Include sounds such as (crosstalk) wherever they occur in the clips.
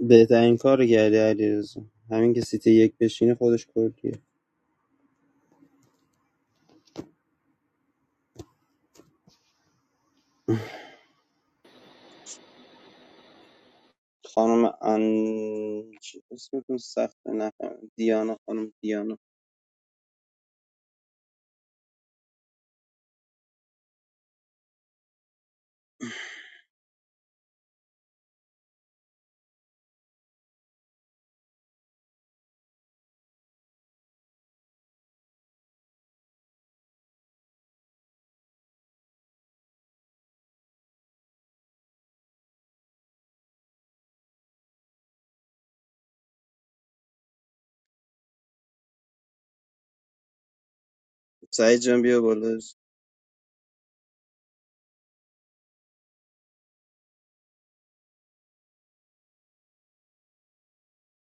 بهترین کار کردی علیرضا همین که سیت یک بشینه خودش کردیه خانم ان چی اسمتون سخته نفهم دیانا خانم دیانا سعید جان بیا بالا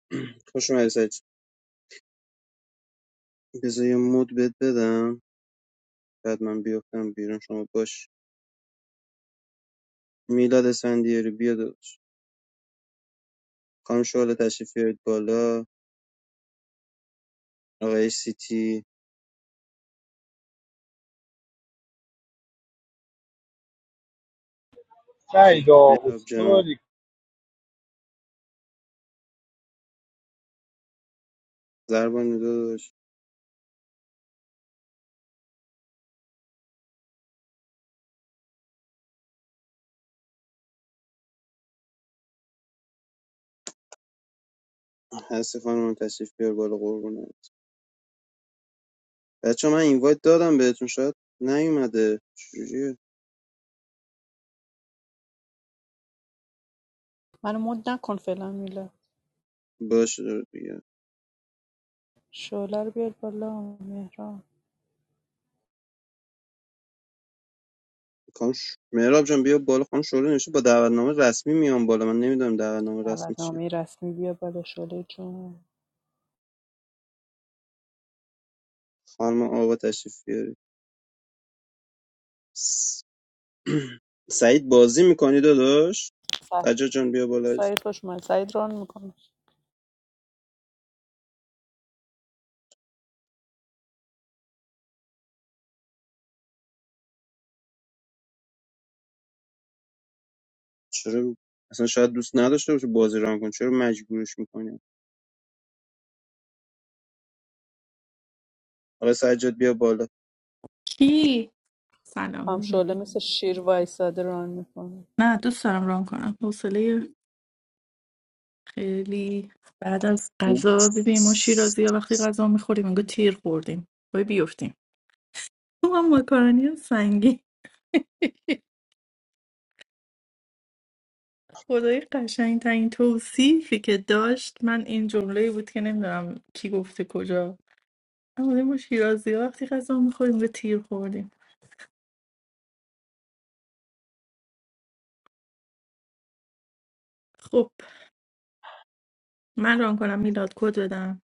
(clears throat) خوش اومدی سعید جان. بذار یه مود بد بدم بعد من بیفتم بیرون شما باش میلاد اسفندیاری بیا داداش خانم شعله تشریف بیارید بالا آقای سیتی سعید مهراب جان آقوستوری زربان داداش هستی خانم تشریف بیار بالا قربونه بچه‌ها من اینوایت دادم بهتون شاید نیومده چجوریه منو مد نکن فعلا میلا باشه دیگه شعله رو بیار بالا مهران خانم مهراب جان بیا بالا خانم شعله نوشته با دعوتنامه رسمی میام بالا من نمیدونم دعوتنامه رسمی چیه دعوتنامه رسمی بیار بالا شعله جون خانم آوا تشریف بیاری س- (clears throat) سعید بازی میکنی داداش س- سجاد جان بیا بالا سعید خوش من سعید ران میکنه چرا اصلا شاید دوست نداشته باشه بازی ران کن چرا مجبورش میکنی آقا سجاد بیا بالا کی سلام خام شعله علیکم. مثل شیر وایساده ران میکنه نه دوست دارم ران کنم حوصله خیلی بعد از غذا ببین ما شیرازی ها وقتی غذا میخوریم انگار تیر خوردیم باید بیفتیم تو هم ماکارونی سنگی خدای قشنگ ترین توصیفی که داشت من این جمله بود که نمیدونم کی گفته کجا اما ما شیرازی ها وقتی غذا میخوریم به تیر خوردیم خب من ران کنم میلاد کد بدم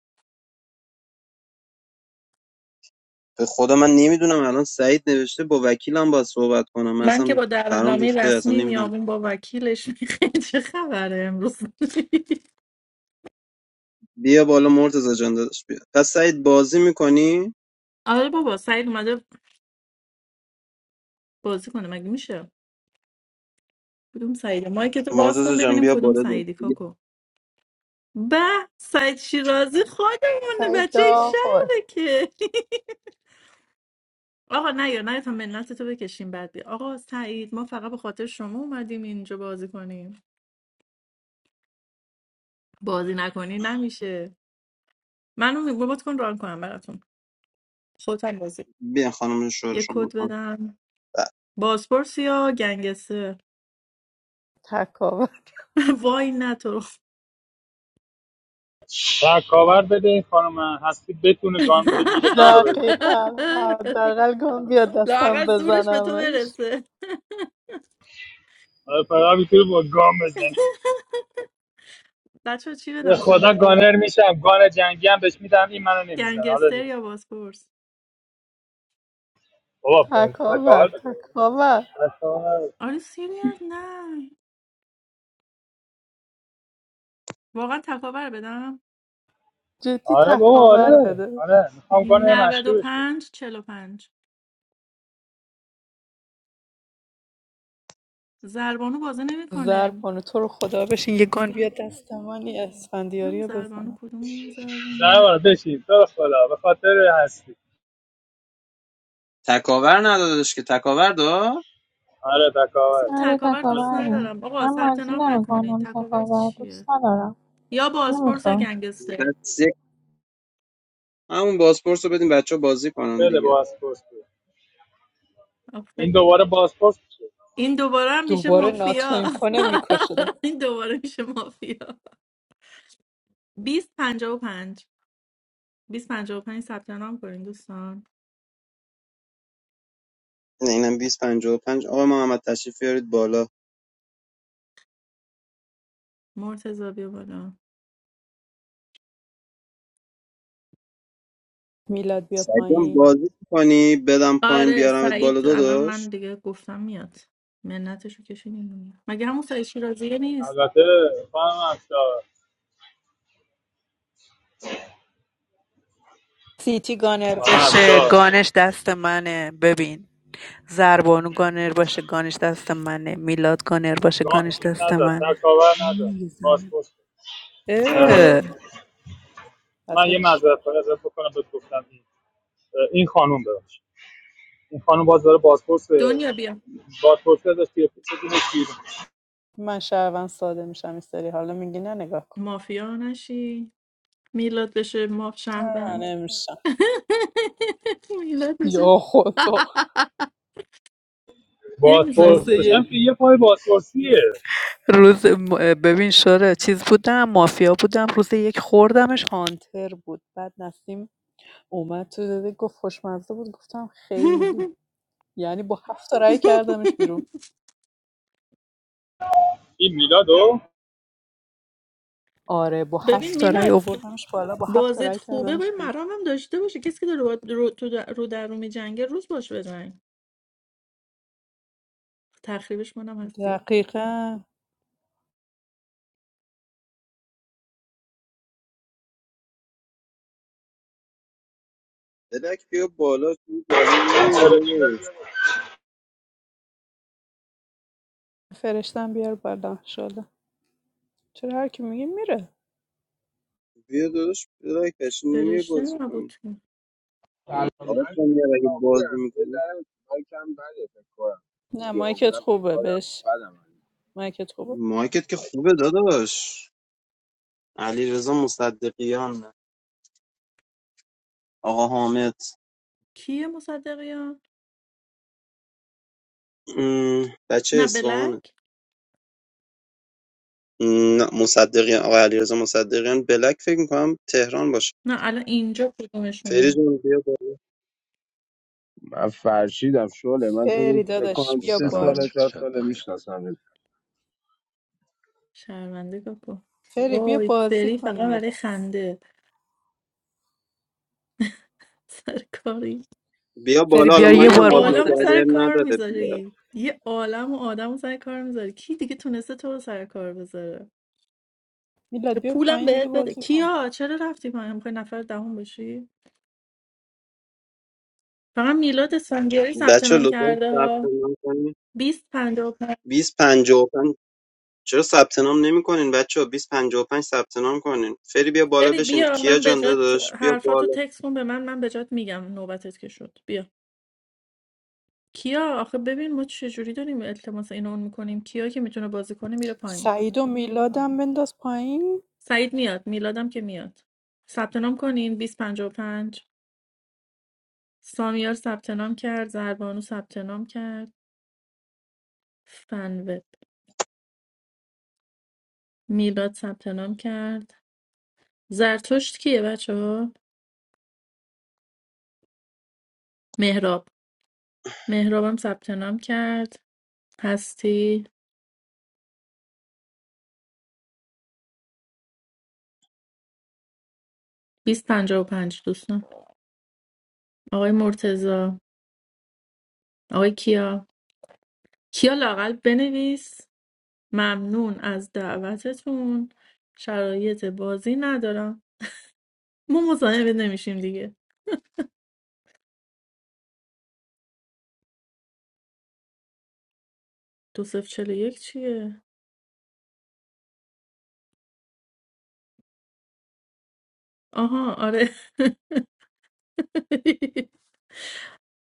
به خدا من نمیدونم الان سعید نوشته با وکیلم باید صحبت کنم من من که اصلا با پرام دعوتنامه ریخته اصلا رسمی نمیدونم میامون با وکیلش (laughs) میخه چه خبره امروز بیا بالا مرتزا جان داداش بیا پس سعید بازی میکنی آره بابا سعید اومده بازی کنه مگه میشه کدوم سعیده مایک تو باز مرتزا کن جان ببینیم بیا کدوم بالا داداش. سعیدی بیا کاکو به سعید شیرازی خودمونه سعید بچه این آقا شهره که (laughs) آقا نه یا نه تا منت تو بکشیم بعد بیا. آقا سعید ما فقط به خاطر شما اومدیم اینجا بازی کنیم بازی نکنی نمیشه منو بابات کن ران کنم براتون خودم بازی بیا خانم شوهر یه شما کد ب- بدم بازپرس یا گنگستر تکاوه (laughs) وای نه تو رو تکاور بده این خانم هستی بتونه گان بگیره گان رو بزنه دقیقا (laughs) حداقل گم بیا دستم لااقل زورش به تو بزنمش برسه آره فقط میتونه با گان بزنه بچه چی به بدم خدا سناریو گانر میشم گان جنگی هم بهش میدم این منو نمیزنه حالا گنگستر نگاه. یا بازپرس بابا تکاور تکاور بده تکاور تکاور. آره سیریز نه واقعا تکاور بدم جدی آره بابا تکاور آره بده آره میخوام گان یه نود مشکی و بشه پنج. چل و پنج. زربانو بازه نمیکنه زرپانو تو رو خدا بشین یه گان بیا دست من یه کدوم اسفندیاری رو زربانو بزنم کدوم زنه زربانو بار بشین تو رو خدا به خاطر هستی تکاور ندادش که تکاور دا آره تکاور اصلا آره تکاور دوست تکاور ندارم آقا من ثبت بازی نام نکنین نمیکنم تکاور تکاور چیه دوست ندارم یا بازپرس یا نمیخوام گنگستر بس یک- همون بازپرس رو بدیم بچه بازی کنن بده دیگه بازپرس بده. این آفه. دوباره بازپرس میشه این دوباره هم میشه دوباره ناتو مافیا امکانه میکشه (laughs) این دوباره میشه مافیا بیست پنجاه و 55 255 ثبت نام کنین دوستان نه، اینم 255 آقا محمد تشریف بیارید بالا مرتضی بیا بالا میلاد بیا سعید جان پایین بازی کنی بدم پایین آره بیارمت بالا سعید الان من داداش دیگه گفتم میاد منتشو کشیدین دیگه. مگه همون سعید شیرازیه نیست البته خانم افشار سیتی گانر خانم بشه افشار گانش دست منه ببین زربانو گانر باشه گانش دست منه میلاد گانر باشه جان گانش چیز دست نزد منه تکاور نزد میزنه پاسپورت اه، اه پس من یه هیچ معذرت خواهی ازت بکنم بهت گفتم این این خانم ببخشید این خانم باز داره بازپرس دنیا بیا بازپرس ازش توی بدونش بیرون من شهروند ساده میشم این سری حالا میگی نه نگاه کن مافیا نشی میلاد بشه ماف نه شهروند نمیشم (laughs) میلاد بشه یا خدا نمیذاره روز بازپرسش هم که یک یه پای بازپرسیه روز ببین شده چیز بودم مافیا بودم روز یک خوردمش هانتر بود بعد نسیم اومد تو داده گفت خوشمزه بود گفتم خیلی (laughs) یعنی با هفت تا رأی کردمش بیرون این میلادو آره با ببین هفت تا رأی میلاد آوردمش بالا با هفت تا بازیت رأی خوبه کردمش باید بیرون مرام هم داشته باشه کسی که داره باهات رو, تو در- رو در رو میجنگه روز باش بزنگ تخریبش منم هستی دقیقا بدک بیا بالا چون بالا نمی‌ری داداش فرشتم بیار بالا انشالله چرا هر کی میگه میره بیا داداش بدک بشین نمی‌ری فرشته بازی کنی نبود سلام آقا من کامیار اگه بازی خیابونم یه می‌کنی ذره مایکم بده فکر کنم نه مایکت خیابونم خوبه ایفادم بش بدم از مایکت خوبه مایکت که خوبه داداش علی رضا مصدقیان آقا حامد کیه مصدقیان م، بچه نه اصفهانه بلک م، نه، مصدقیان آقا علی رضا مصدقیان بلک فکر میکنم تهران باشه نه الان اینجا فری کدومشونه جون بیا بالا من فرشیدم شله من تو رو فری فکر داداش کنم آقا بیا سه سلام عرض ساله بالا شد چهار شب ساله بخیر میشناسم شرمنده کاکو فری بیا وای بازی فری فقط کنیم یه برای دست خنده سرکاری. بیا فری بالا حالا بیا تو یه یه مایکم بار باز عالم موزه و نکردی بده سر عیب من کار نداره بیا. میذاری یه عالم و آدم و سر کار میذاری کی دیگه تونسته تو رو سر کار بذاره میلاد به بیا پولم پایین دیگه بهت بده بازی کن کیا چرا رفتی پایین میخوای نفر دهم باشی فقط میلاد اسفندیاری ثبت بچه نام لطفا کرده ثبت ها نام کنین 20 55 2055 چرا ثبت نام نمی‌کنین بچه 2055 ثبت نام کنین فری بیا بالا فری بشین بیا کیا من به جان جات داداش بیا حرفاتو بالا تکس کن به من من به جات میگم نوبتت که شد بیا کیا آخه ببین ما چه جوری داریم التماس این اون میکنیم کیا که میتونه بازی کنه میره پایین سعید و میلادم بنداز پایین سعید میاد میلادم که میاد ثبت نام کنین 2055 سامیار ثبت نام کرد زربانو ثبت نام کرد فنوب میلاد ثبت نام کرد زرتشت کیه بچه ها مهراب مهرابم ثبت نام کرد هستی 2055 دوستان آقای مرتضی آقای کیا کیا لاقل بنویس ممنون از دعوتتون شرایط بازی ندارم ما مزاحم نمیشیم دیگه دو صفر چلو یک چیه آها آره (laughs)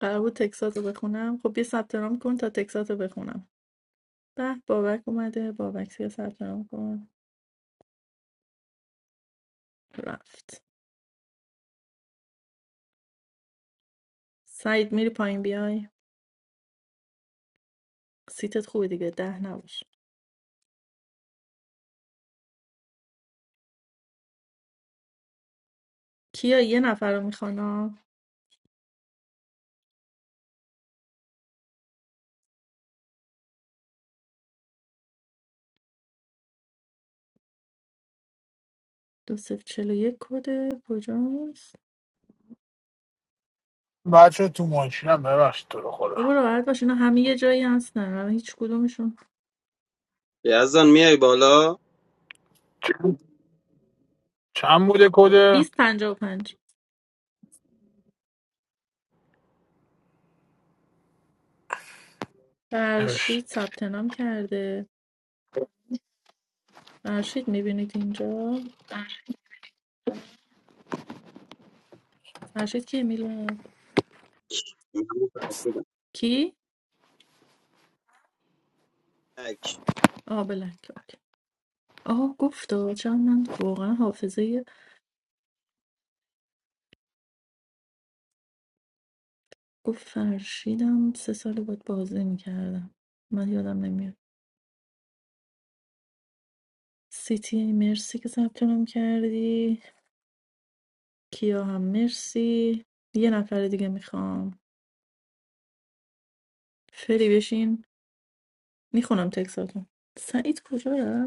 قرار بود تکسات رو بخونم خب یه ثبت نام کن تا تکسات رو بخونم به بابک اومده بابک سی ثبت نام کن رفت سعید میری پایین بیای سیتت خوبه دیگه ده نباش کیا یه نفر رو میخوانم دو صفر چلو یک کده کجاست بچه تو ماشینم ببخشید تو رو خدا بابا راحت باش اینا همه یه جایی هستن الان هیچ کدومشون یزدان میای بالا چند چند بوده کده 2055 نوشت. فرشید ثبت نام کرده فرشید میبینید اینجا فرشید کی میلاد من متأکدم. کی آه بلک اوکی آه گفت آه، چون من واقعا حافظه گفت فرشیدم سه سال بود بازی میکردم من یادم نمیاد سیتی مرسی که ثبت نام کردی کیا هم مرسی یه نفر دیگه میخوام فری بشین میخونم تکساتون سعید کجا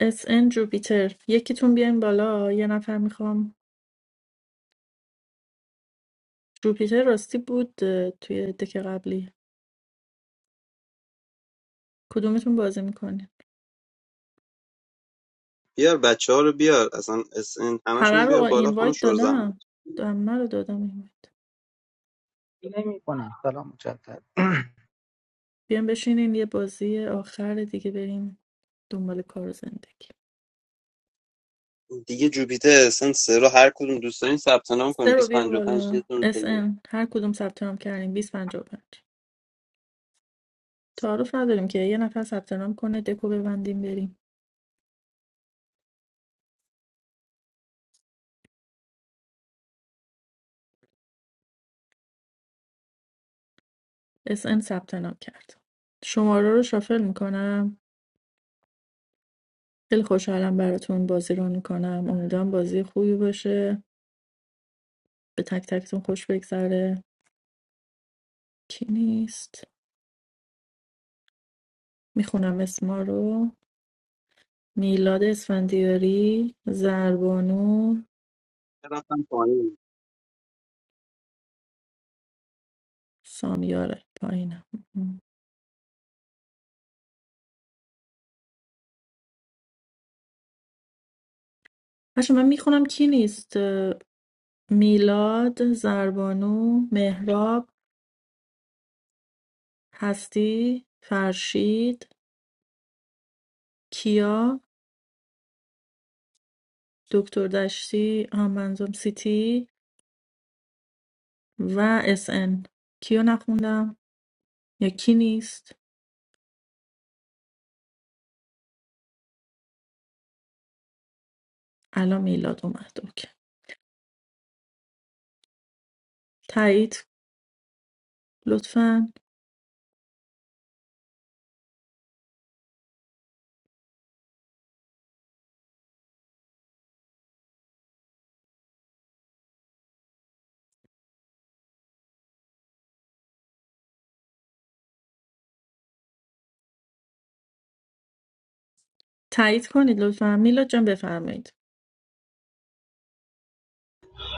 اس ان جوپیتر یکیتون بیاین بالا یه نفر میخوام جوپیتر راستی بود اه، توی دک قبلی کدومتون بازی میکنین بیار بچه ها رو بیار اصلا SN همه همشون رو رو بیار بالا خانم اینوایت شور زحمت دادم همه رو دادم اینوایت He may be going to call him. بیاین بشینین یه بازی آخر دیگه بریم دنبال کار و زندگی دیگه جوپیتر SN سه رو هر کدوم دوست دارین ثبت نام کنین سه رو بیا 255 بالا یتون اس پله ان هر کدوم ثبت نام کردیم 2055 تعارف نداریم که یه نفر ثبت نام کنه دکو ببندیم بریم اس ان ثبت نام کرد شماره رو شافل میکنم خیلی خوشحالم براتون بازی رو میکنم امیدوارم بازی خوبی باشه به تک تکتون خوش بگذره کی نیست میخونم اسما رو میلاد اسفندیاری زربانو رفتم پایین سامیاره پایینم باشه من میخونم کی نیست میلاد زربانو مهراب هستی فرشید کیا دکتر دشتی آمنزوم سیتی و اس ان. کیو نخوندم یکی نیست الان میلاد اومد اوکی تایید لطفا تایید کنید لطفا میلاد جان بفرمایید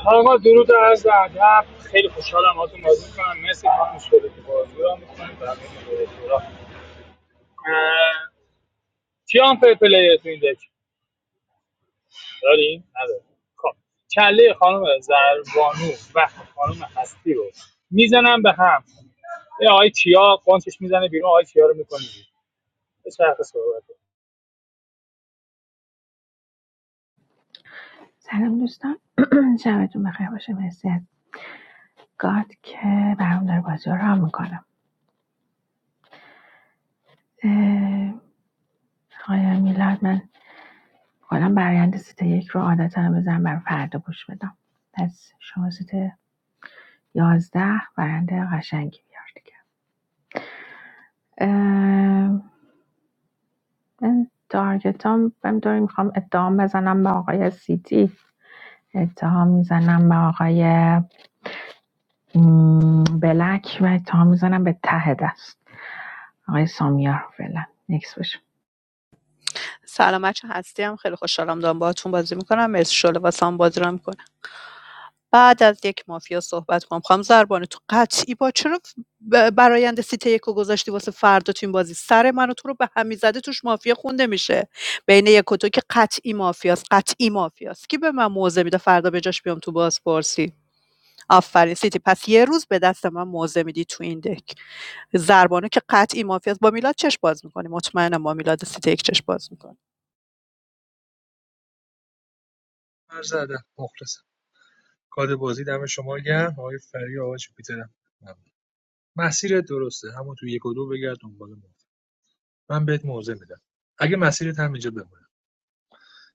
آقا درود و عرض ادب خیلی خوشحالم باهاتون بازی می‌کنم مرسی خانم شده که بازی رو می‌کنید چی هم پی پلیه تو این دک داریم؟ نداریم خب کله خانم زربانو و خانم هستی رو میزنم به هم یه آقای کیا قانچش میزنه بیرون آقای کیا رو میکنه بیرون. به شرط صحبت سلام دوستان (clears throat) شبتون بخیر باشه مرسی از گاد که برام داره بازی رو رام میکنم آیا میلاد من حالا برایند سیت یک رو عادتا بزن بر فردا گوش بدم پس شما سیت یازده برنده قشنگی بیار دیگه اه، من تارگتام بهم داری میخوام اتهام بزنم به آقای سیتی اتهام میزنم به آقای م، بلک و اتهام میزنم به ته دست آقای سامیار فعلا نکس بشه سلام بچه هستی هم خیلی خوشحالم دارم باهاتون بازی میکنم مرسی شله واسه هم بازی رو میکنم بعد از یک مافیا صحبت کنم خانم زربانه تو قطعی با چرا ب- برایند سیته یک رو گذاشتی واسه فردا تو این بازی سر منو تو رو به همی زده توش مافیا خونده میشه بین یک و دو که قطعی مافیاست قطعی مافیاست کی به من موزه میده فردا به جاش بیام تو بازپرسی آفرین سیتی پس یه روز به دست من موزه میدی تو این دک زربانه که قطعی مافیاست با میلاد چش باز میکنی مطمئنم با میلاد سیتی یک چش باز می‌کنی. عرض ادب مخلصم کاد بازی دم شما گرم آقای فری آقای جوپیترم ممنون مسیرت درسته همون تو یک و دو بگرد دنبال موضوع من بهت موضع میدم اگه مسیرت هم اینجا بمونه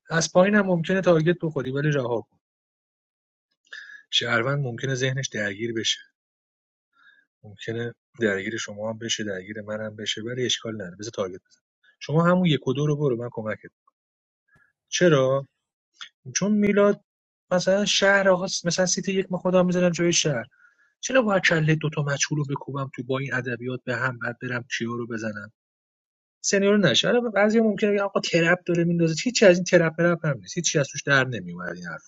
از پایین هم ممکنه تارگت بخوری ولی رها کن شهروند ممکنه ذهنش درگیر بشه ممکنه درگیر شما هم بشه درگیر من هم بشه ولی اشکال نداره بذار تارگت بزن شما همون یک و دو رو برو من کمکت چرا چون میلاد مثلا شهر آقا مثلا سیتی یک ما خودم میزنم جای شهر چرا باید کله دوتا مجهول رو بکوبم تو با این ادبیات به هم بعد برم کیا رو بزنم سنیور نشه الان بعضی ممکنه بگن آقا ترپ داره میندازه هیچی از این ترپ پرپ هم نیست هیچی از توش در نمیومد این حرف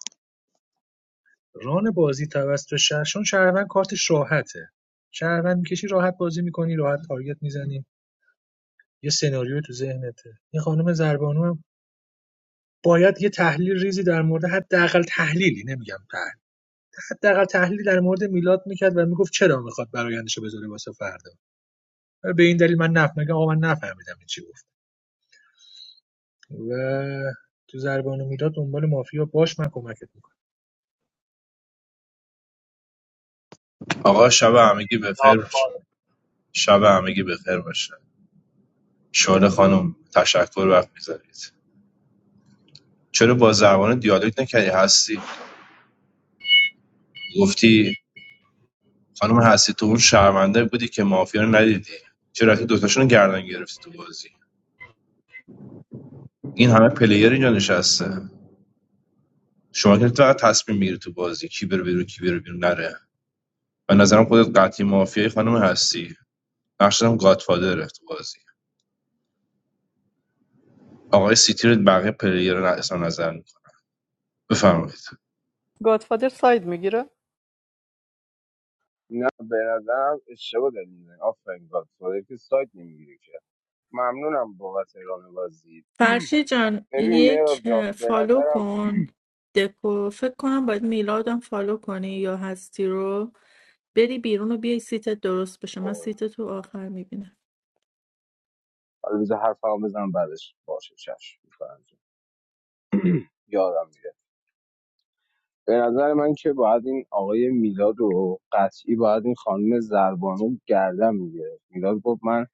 ران بازی توسط شهرشون شهروند کارتش راحته شهروند میکشی راحت بازی میکنی راحت تارگت میزنی یه سناریو تو ذهنته این خانم زربانو باید یه تحلیل ریزی در مورد حداقل تحلیلی نمیگم تحلیل حداقل تحلیلی در مورد میلاد میکرد و میگفت چرا میخواد برایندش رو بذاره واسه فردا به این دلیل من نف میگم آقا من نفهمیدم این چی گفت و تو زربان و میلاد دنبال مافیا باش من کمکت میکنم آقا شب همگی بخیر باشه شب همگی بخیر باشه شعله خانم تشکر وقت میذارید چرا با زبان دیالوگ نکردی هستی گفتی خانم هستی تو اون شرمنده بودی که مافیا رو ندیدی چرا رفتی دوتاشون رو گردن گرفتی تو بازی این همه پلیر اینجا نشسته شما که فقط تصمیم میگیری تو بازی کی بره بیرون کی بره بیرون نره به نظرم خودت قطعی مافیای خانم هستی نقشم گادفادره تو بازی آقای سیتی رو بقیه پلیر رو اظهار نظر می‌کنه. بفرمایید گادفادر ساید میگیره نه به نظرم اشتباه داری میزنی آفرین گاد فادر که سایت نمیگیری که ممنونم بابت ران بازی فرشی جان ببین یک میرا اه، جان به فالو نظرم کن دکو فکر کنم باید میلادم فالو کنی یا هستی رو بری بیرون و بیای سیتت درست بشه من آه، سیت تو آخر میبینم حالا بذار حرفمو بزنم بعدش باشه چش میفرمایید (clears throat) یادم میره به نظر من که باید این آقای میلاد رو قطعی باید این خانم زربانو گردن میگیره میلاد گفت من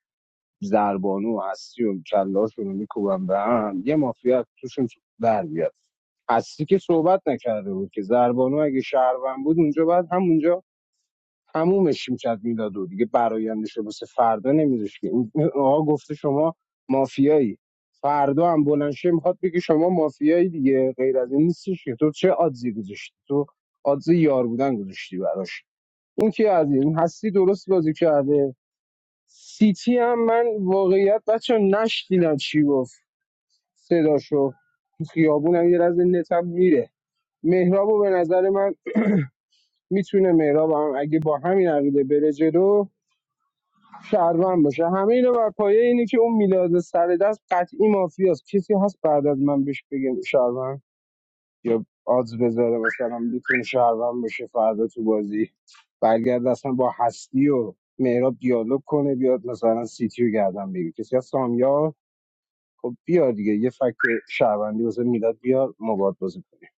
زربانو هستی و کلاشون رو میکوبم به هم یه مافیا توشون در بیاد هستی که صحبت نکرده بود که زربانو اگه شهروند بود اونجا بعد همونجا تمومش میکرد میلاد و دیگه برایندش رو واسه فردا نمیذاش که این این آقا گفته شما مافیایی فردا هم بلند شه میخواد بگه شما مافیایی دیگه غیر از این نیستش که تو چه آدزی گذاشتی تو آدز یار بودن گذاشتی براش این که از این هستی درست بازی کرده سیتی هم من واقعیت بچه نشنیدم چی گفت صداشو تو خیابونم یه رز نتم میره مهرابو به نظر من میتونه مهراب هم اگه با همین عقیده بره جلو شهروند باشه همه اینا بر پایه اینه که اون میلاد سر دست قطعی مافیاست کسی هست بعد از من بهش بگم شهروند یا آدز بذاره مثلا میتونه شهروند باشه فردا تو بازی برگرد اصلا با هستی و مهراب دیالوگ کنه بیاد مثلا سیتی رو گردن بگیر کسی از سامیار خب بیار دیگه یه فکت شهروندی واسه میلاد بیار مباد بازی کنیم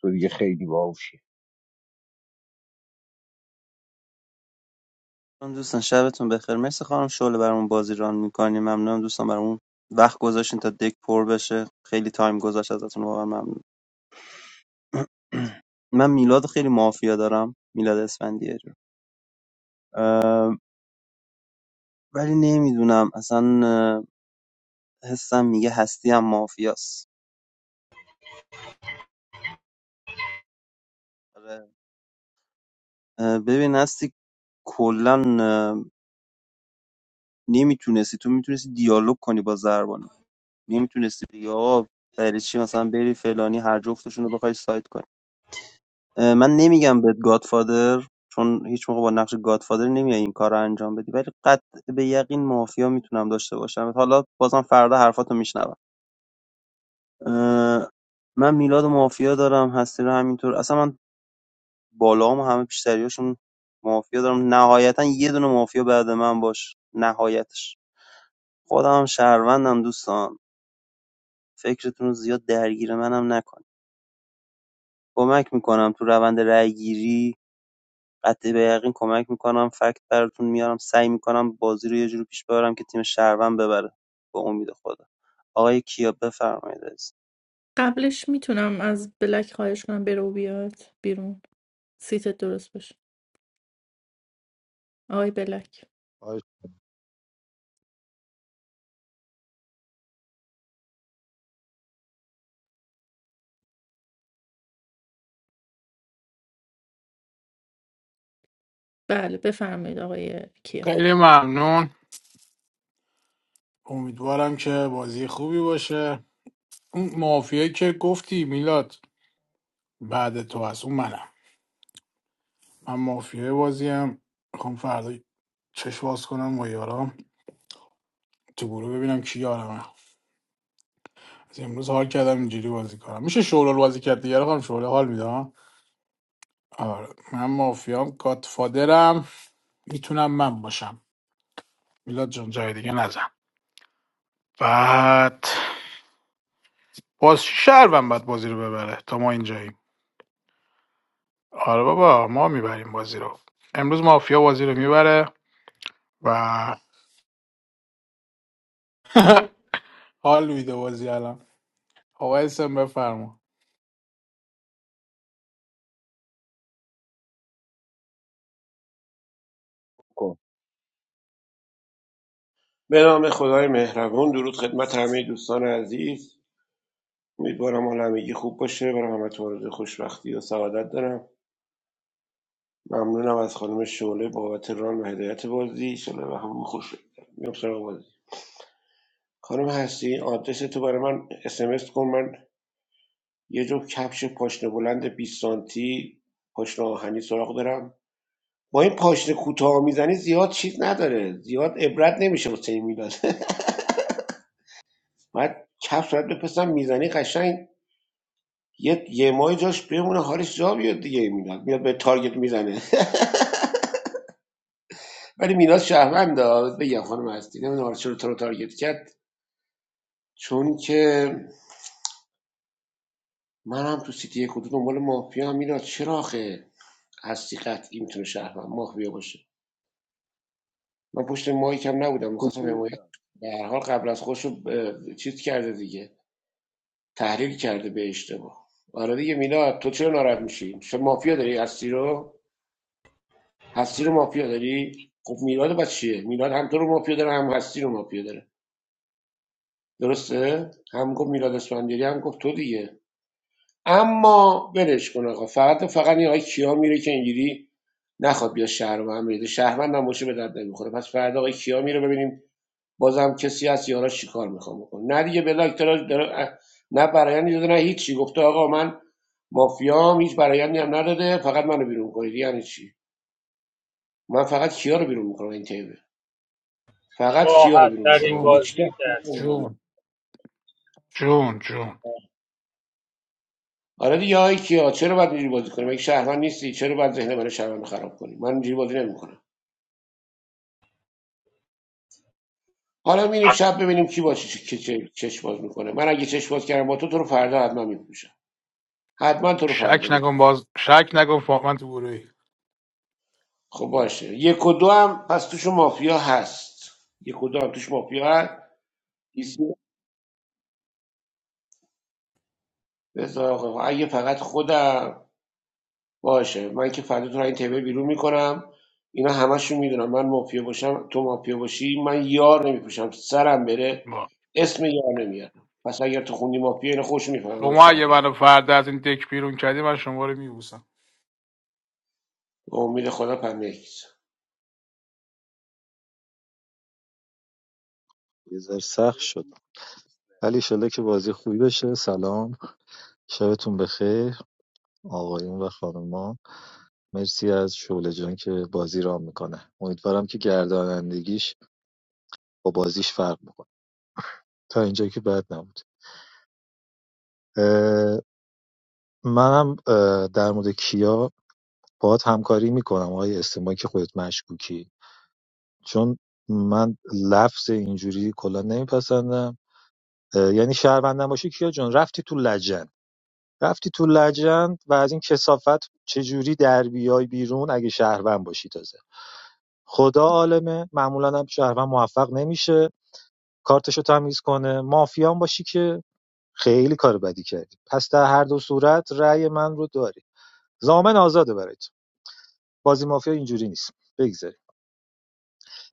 تو دیگه خیلی باهوشی دوستان دوستان، شبتون بخیر مرسی خانم شعله برامون بازی ران میکنیم ممنونم دوستان برامون وقت گذاشتین تا دک پر بشه خیلی تایم گذاشت ازتون واقعا ممنون (clears throat) من میلاد خیلی مافیا دارم میلاد اسفندیه رو اه، ولی نمیدونم اصلا اه، حسم میگه هستی هم مافیاست آره. اه، ببین هستی کلا نمیتونستی تو میتونستی دیالوگ کنی با زربانو نمیتونستی بگی آقا برای چی مثلا بری فلانی هر جفتشون رو بخوای سایت کنی اه، من نمیگم بهت گادفادر چون هیچ موقع با نقش گادفادر نمیای این کار رو انجام بدی ولی قطع به یقین مافیا میتونم داشته باشم حالا بازم فردا حرفاتو میشنوم من میلاد و مافیا دارم هستی رو همینطور اصلا من بالا هم همه پیشتریاشون مافیا دارم نهایتا یه دونه مافیا بعد من باش نهایتش خودم هم شهروندم دوستان فکرتون رو زیاد درگیر منم نکن کمک میکنم تو روند رأی گیری قطعی به یقین کمک میکنم فکت براتون میارم سعی میکنم بازی رو یه جوری پیش ببرم که تیم شهروند ببره به امید خدا آقای کیا بفرمایید عزیز. قبلش میتونم از بلک خواهش کنم بره و بیاد بیرون سیتت درست بشه آقای بلک آی بله بفرمایید آقای کیا خیلی ممنون امیدوارم که بازی خوبی باشه اون مافیایی که گفتی میلاد بعد تو از اون منم من مافیای بازیم میخوام فردا چشم باز کنم با یارام تو گروه ببینم کی یارمه از امروز حال کردم اینجوری بازی کنم میشه شورال بازی کرد دیگه خانم شورال حال میدم آره من مافیام گادفادرم میتونم من باشم میلاد جان جای دیگه نزن بعد باز شهروند بعد بازی رو ببره تا ما اینجاییم آره بابا ما میبریم بازی رو امروز مافیا بازی رو میبره و (laughs) حال میده بازی الان آقا اسم بفرما خب به نام خدای مهربون درود خدمت همه دوستان عزیز امیدوارم حال همگی خوب باشه و همتون آرزوی خوشبختی و سعادت دارم ممنونم از خانم شعله بابت ران و هدایت بازی شعله و همون خوش بگذره. میام سراغ بازی خانم هستی آدرس تو برای من اسمس کن من یه جو کفش پاشنه بلند 20 سانتی پاشنه آهنی سراغ دارم با این پاشنه کوتاه میزنی زیاد چیز نداره زیاد عبرت نمیشه واسه این میلاد (laughs) بعد کفش باید بپسم میزنی قشنگ یه یه ماه جاش بمونه حالش جا بیاد دیگه میلاد میاد به تارگت میزنه ولی میلاد شهروند داد بگم خانم هستی نمیدونم چرا تو رو تارگت کرد چون که منم تو سیتی یک و دو دنبال مافیا هم میلاد چرا آخه هستی قطعی میتونه شهروند مافیا باشه من پشت مایکم نبودم میخواستم کدوم حمایت میلاد به هر حال قبل از خودش رو اه، چیز کرده دیگه تحلیل کرده به اشتباه آره دیگه میلاد تو چرا ناراحت میشی چه مافیا داری هستی رو هستی رو مافیا داری خب میلاد بچه چیه میلاد هم تو رو مافیا داره هم هستی رو مافیا داره درسته هم گفت میلاد اسفندیاری هم گفت تو دیگه اما ولش کن آقا فقط و فقط این آقای کیا میره که اینجوری نخواد بیا شهروند بریده شهروند هم باشه به درد نمیخوره پس فردا آقای کیا میره ببینیم بازم کسی هست یارا چیکار میخوام بکنه نه دیگه بلاک داره, داره نه برایندی داده نه هیچی گفته آقا من مافیام هیچ برایندی هم نداده فقط منو بیرون کنید یعنی چی من فقط کیا رو بیرون میکنم این تیبل فقط کیا رو راحت بیرون ترین میکنم جون هیچ بازی رو کس کردی رو نمی‌کنم. جون جون جون آره دیگه آقای کیا چرا باید اینجوری بازی کنیم اگه شهروند نیستی چرا باید ذهن من شهروند خراب کنی من اینجوری بازی نمیکنم حالا میریم شب ببینیم کی با چه چه- چه- چشم باز میکنه من اگه چشم باز کردم با تو تو رو فردا حتما میفروشم حتما تو رو شک فردا نکن میفروشم باز شک نکن فاهمن تو گروهی خب باشه یک و دو هم پس توش مافیا هست یک و دو هم توش مافیا هست بیست- بذار آقا، اگه فقط خودم باشه من که فردا تو رو این تیبل بیرون میکنم اینا همشون میدونم من مافیا باشم تو مافیا باشی من یار نمیپوشم سرم بره با اسم یار نمیارم پس اگر تو خوندی مافیا اینا خوش میفهمم من شما اگه شهرمند منو فردا از این دک بیرون کردی من شما رو میبوسم به امید خدا پنکس یه آه، ذره به خاطر سخت شد بوف. ولی ایشالا که بازی خوبی بشه سلام شبتون بخیر آقایون و خانوما مرسی از شعله جان که بازی رام میکنه امیدوارم که گردانندگیش با بازیش فرق میکنه تا اینجا که بد نبود اه، منم اه، در مورد کیا باهات همکاری میکنم آقای استماعی که خودت مشکوکی چون من لفظ اینجوری کلا نمیپسندم اه، یعنی شهروندم باشی کیا جان رفتی تو لجن رفتی تو لجند و از این کثافت چجوری در بیای بیرون اگه شهروند باشی تازه خدا عالمه معمولا هم شهروند موفق نمیشه کارتشو تمیز کنه مافیان باشی که خیلی کار بدی کردی پس در هر دو صورت رأی من رو داری زامن آزاده برای تو بازی مافیا اینجوری نیست بگذاریم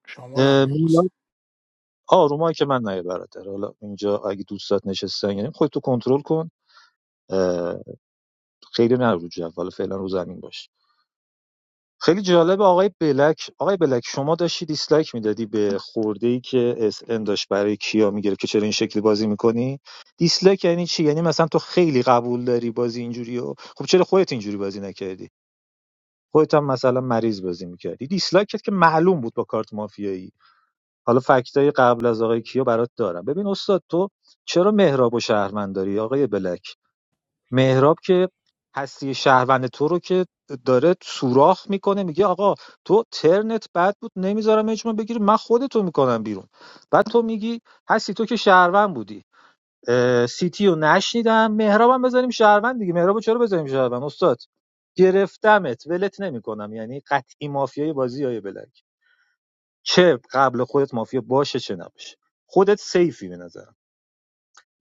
شما رو هم میبوسم میلاد آرومایی که من نایه برادر حالا اینجا اگه دوستات نشستن یعنی خودتو کنترل کن خیلی نه رو جو. حالا فعلا رو زمین باش خیلی جالب آقای بلک آقای بلک شما داشتی دیسلایک میدادی به خورده ای که اس ام داشت برای کیا میگرفت که چرا این شکلی بازی میکنی دیسلایک یعنی چی یعنی مثلا تو خیلی قبول داری بازی اینجوری و خب چرا خودت اینجوری بازی نکردی خودت هم مثلا مریض بازی میکردی دیسلایک کرد که معلوم بود با کارت مافیایی حالا فکتای قبل از آقای کیا برات دارم ببین استاد تو چرا مهراب و شهرمند داری آقای بلک مهراب که هستی شهروند تو رو که داره سوراخ میکنه میگه آقا تو ترنت بد بود نمیذارم اجماع بگیری من خودتو میکنم بیرون بعد تو میگی هستی تو که شهروند بودی اه، سیتی رو نشنیدم مهرابم بذاریم شهروند دیگه مهرابو چرا بذاریم شهروند استاد گرفتمت ولت نمیکنم یعنی قطعی مافیای بازی های بلک چه قبل خودت مافیا باشه چه نباشه خودت سیفی به نظرم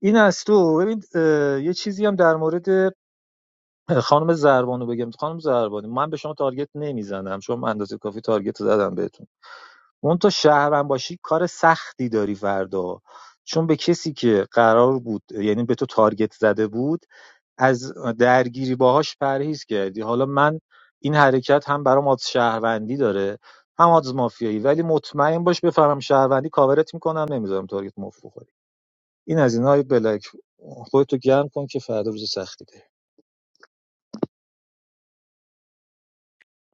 این از تو ببین اه، یه چیزی هم در مورد خانم زربانو بگم خانم زربانو من به شما تارگت نمیزنم چون من اندازه کافی تارگت زدم بهتون اون تو شهرم باشی کار سختی داری فردا چون به کسی که قرار بود یعنی به تو تارگت زده بود از درگیری باهاش پرهیز کردی حالا من این حرکت هم برام آز شهروندی داره هم آز مافیایی ولی مطمئن باش بفهمم شهروندی کاورت میکنم نمیذارم تارگت مفت بخوری این از اینای بلک خودتو گرم کن که فردا روز سختی داری.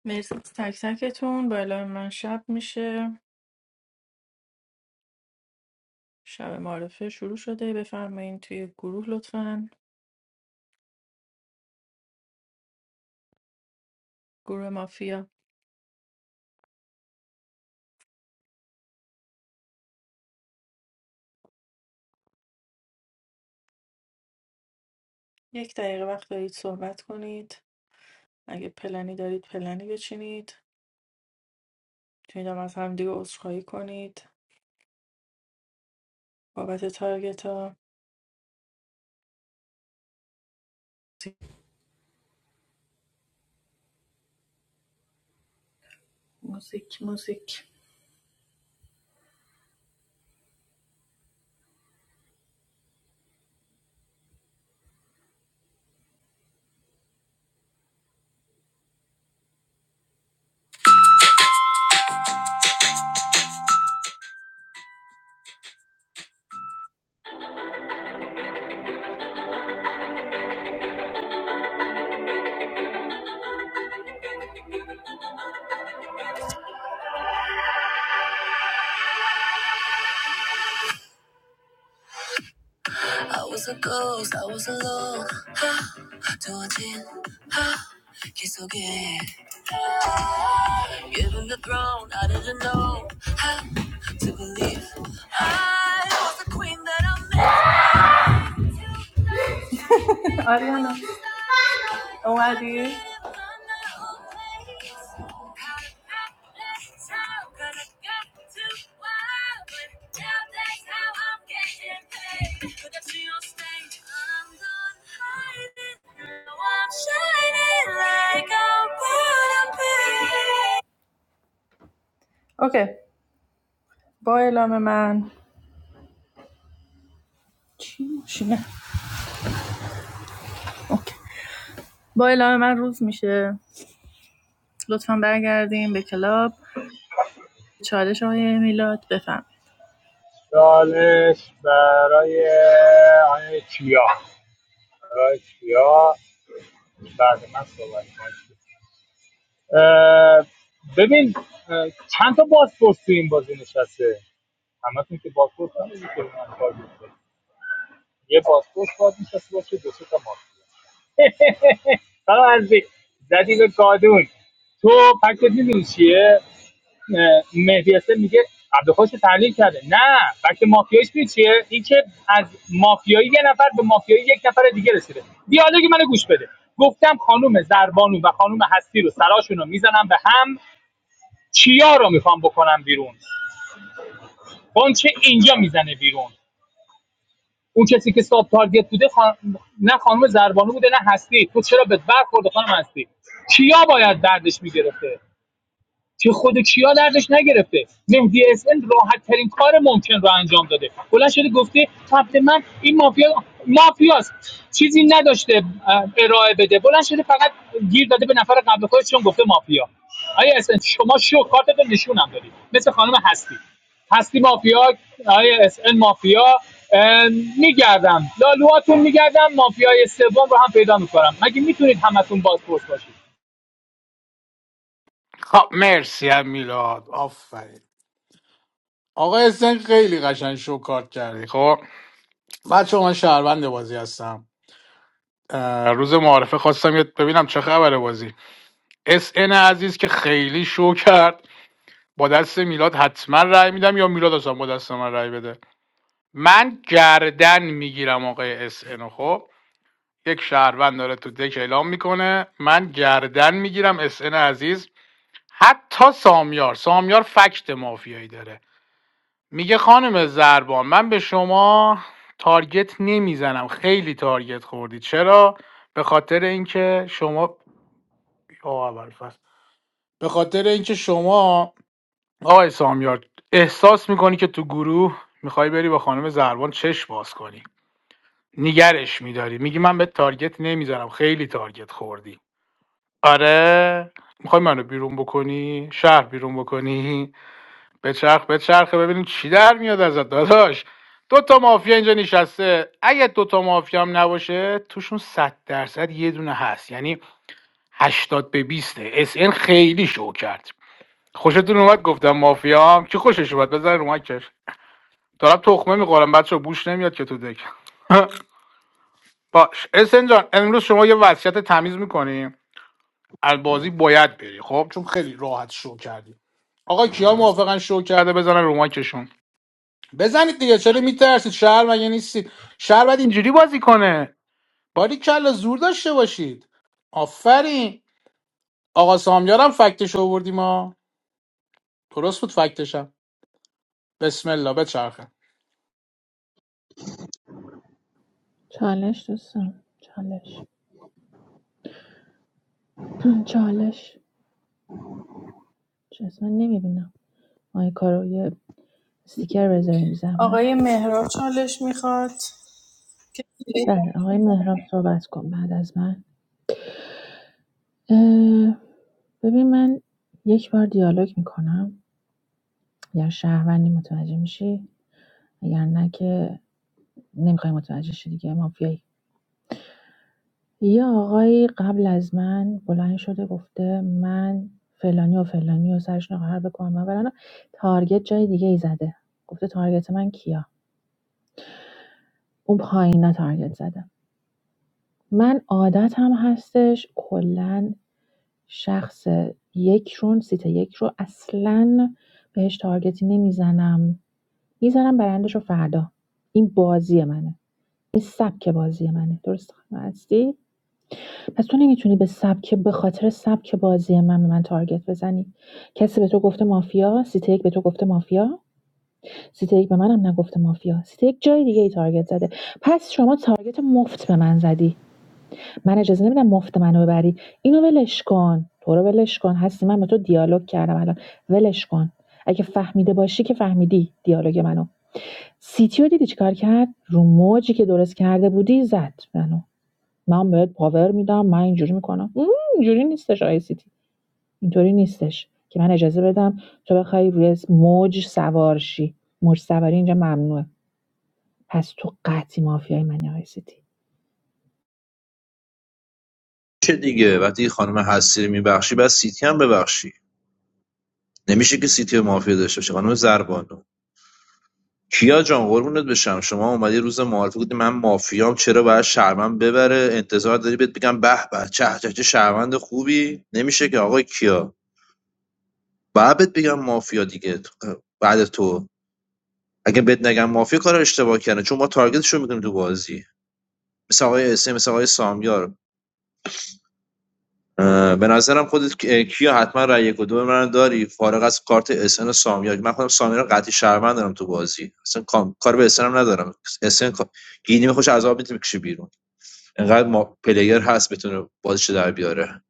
مرسی از تک تکتون بالا من شب میشه شب معرفه شروع شده بفرمایید توی گروه لطفا گروه مافیا یک دقیقه وقت دارید صحبت کنید اگه پلنی دارید پلنی بچینید میتونید هم از همدیگه عذرخواهی کنید بابت تارگت ها موزیک موزیک I was a ghost, I was alone. 하, 두어진 하, 기속에. Given the throne, I didn't know how to believe. I was the queen that I met. Ariana اومدی؟ اوکی با اعلام من چی میشه؟ اوکی با اعلام من روز میشه لطفا برگردیم به کلاب چالش آقای میلاد بفهم. چالش برای آقای کیا آقای کیا بعد من صحبت کنم. اه، ببین اه، چند تا بازپرس تو این بازی نشسته همتون که بازپرس هم نمی‌کنم. یه پاسپورت باید میشسته باشه دو سه تا مافیا (laughs) آقا عزیزی زدی به کادون تو فکرت میدونی چیه اه، مهدی حسن میگه عبدالخوش رو تحلیل کرده نه فکر مافیایش میدونی چیه این که از مافیایی یه نفر به مافیایی یک نفر دیگه رسیده دیالوگ منو گوش بده گفتم خانم زربانو و خانم هستی رو سراشون رو میزنم به هم چیا رو میخوام بکنم بیرون قنچه اینجا میزنه بیرون اون کسی که ساب تارگت بوده خان... نه خانم زربانو بوده نه هستی تو چرا به برخورد خانم هستی کیا باید دردش میگرفته که خود کیا دردش نگرفته مهدی اس راحت ترین کار ممکن رو انجام داده بلند شده گفته قبل من این مافیا مافیاست چیزی نداشته اه، ارائه بده بلند شده فقط گیر داده به نفر قبل خودش چون گفته مافیا آیا اسن شما شو کارتتو نشونم دادی مثل خانم هستی هستی مافیا آیا اسن مافیا اه، میگردم لالوهاتون میگردم مافیای سوم رو هم پیدا میکنم مگه میتونید همتون بازپرس باشید خب مرسی هم میلاد آفرین آقا اسن خیلی قشنگ شو کارت کردی خب بچه من شهروند بازی هستم اه، روز معارفه خواستم یه- ببینم چه خبره بازی اس ان عزیز که خیلی شو کرد با دست میلاد حتما رأی میدم یا میلاد اصلا با دست من رأی بده من گردن میگیرم آقای اس ان خب یک شهروند داره تو دک اعلام میکنه من گردن میگیرم اس ان عزیز حتی سامیار سامیار فکت مافیایی داره میگه خانم زربان من به شما تارگت نمیزنم خیلی تارگت خوردی چرا به خاطر اینکه شما آه، ابوالفضل. به خاطر اینکه شما آقای سامیار احساس میکنی که تو گروه میخوای بری با خانم زربان چش باز کنی نگرش میداری میگی من به تارگت نمیزنم خیلی تارگت خوردی آره میخوای منو بیرون بکنی شهر بیرون بکنی بچرخ بچرخه ببینیم چی در میاد ازت داداش دو تا مافیا اینجا نشسته اگه دو تا مافیا هم نباشه توشون 100 درصد یه دونه هست یعنی هشتاد به 20 اس ان خیلی شو کرد خوشتون اومد گفتم مافیا هم کی خوشش اومد بزن رو مایکش دارم تخمه میخورم بچه بوش نمیاد که تو دک (laughs) باش اسن جان امروز شما یه وصیت تمیز میکنیم از بازی باید بری خب چون خیلی راحت شو کردی آقا کیا موافقن شو کرده بزنن رو مایکشون بزنید دیگه چرا میترسید شهر مگه نیستید شهر باید اینجوری بازی کنه باری کلا زور داشته باشید آفرین آقا سامیارم فکتش آوردیم ما درست بود فکتشم بسم الله بچرخه چالش دوستان چالش (clears throat) چالش چه اصلا نمیبینم آقای کارو یه استیکر بذاریم آقای زحمت مهراب چالش میخواد که بله آقای مهراب صحبت کن بعد از من ببین من یک بار دیالوگ میکنم یا شهروندی متوجه میشی اگر نه که نمیخوای متوجه شی دیگه مافیایی. یه آقایی قبل از من بلند شده گفته من فلانی و فلانی و سرشون رو قرار بکنم من برن تارگت جای دیگه ای زده گفته تارگت من کیا اون پایینا تارگت زده من عادتم هستش کلا شخص یکشون رو سیت یک رو اصلا بهش تارگتی نمیزنم میزنم برندش رو فردا این بازی منه این سبک بازی منه درست هستی پس تو نمیتونی به سبک به‌خاطر سبک بازی من به من تارگت بزنی. کسی به تو گفته مافیا، سیت یک به تو گفته مافیا، سیت یک به منم نگفته مافیا، سیت یک جای دیگه ای تارگت زده. پس شما تارگت مفت به من زدی. من اجازه نمیدم مفت منو ببری. اینو ولش کن. تو رو ولش کن. هستی من با تو دیالوگ کردم الان. ولش کن. اگه فهمیده باشی که فهمیدی دیالوگ منو. سیتیو دیدی چیکار کرد؟ رو موجی که درست کرده بودی زد منو. من بهت پاور میدم من اینجوری میکنم مم، اینجوری نیستش آی سی تی اینطوری نیستش که من اجازه بدم تو بخوای روی موج سوار موج سواری اینجا ممنوعه پس تو قطعی مافیای منی آی سی تی میشه دیگه وقتی خانم هستی رو میبخشی بعد سیتی هم ببخشی نمیشه که سیتی رو مافیا داشته باشه خانم زربانو کیا جان قربونت بشم شما اومدی روز معارفه گفتی من مافیام چرا باید شرمن ببره انتظار داری بهت بگم به به چه چه چه شرمند خوبی نمیشه که آقای کیا باید بهت بگم مافیا دیگه بعد تو اگه بهت نگم مافیا کار اشتباه کردن چون ما تارگتشو میکنیم تو بازی مثل آقای اسم مثل آقای سامیار اه، به نظرم خودت کیا حتما رای یک و دو من داری فارغ از کارت اسن و سامیار من خودم سامی رو قطعی شهروند دارم تو بازی اصلا کار به اسن هم ندارم اسن کا- گینی خوش از آب میتونه بکشه بیرون انقدر ما پلیر هست بتونه بازیش در بیاره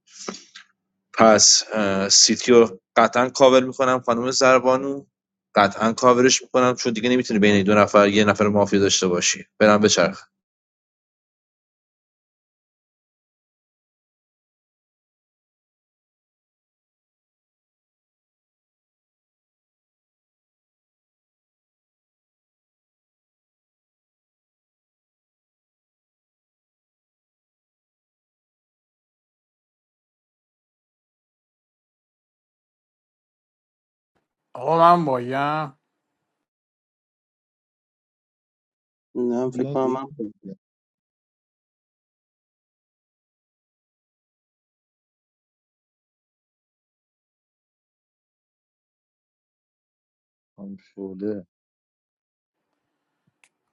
پس اه، سیتی رو قطعا کاور میکنم خانم زربانو قطعا کاورش میکنم چون دیگه نمیتونه بین دو نفر یه نفر مافیا داشته باشی برم بچرخ آقا من بایم نه این فکر بیای به کنم یک من دیگه. هم شعله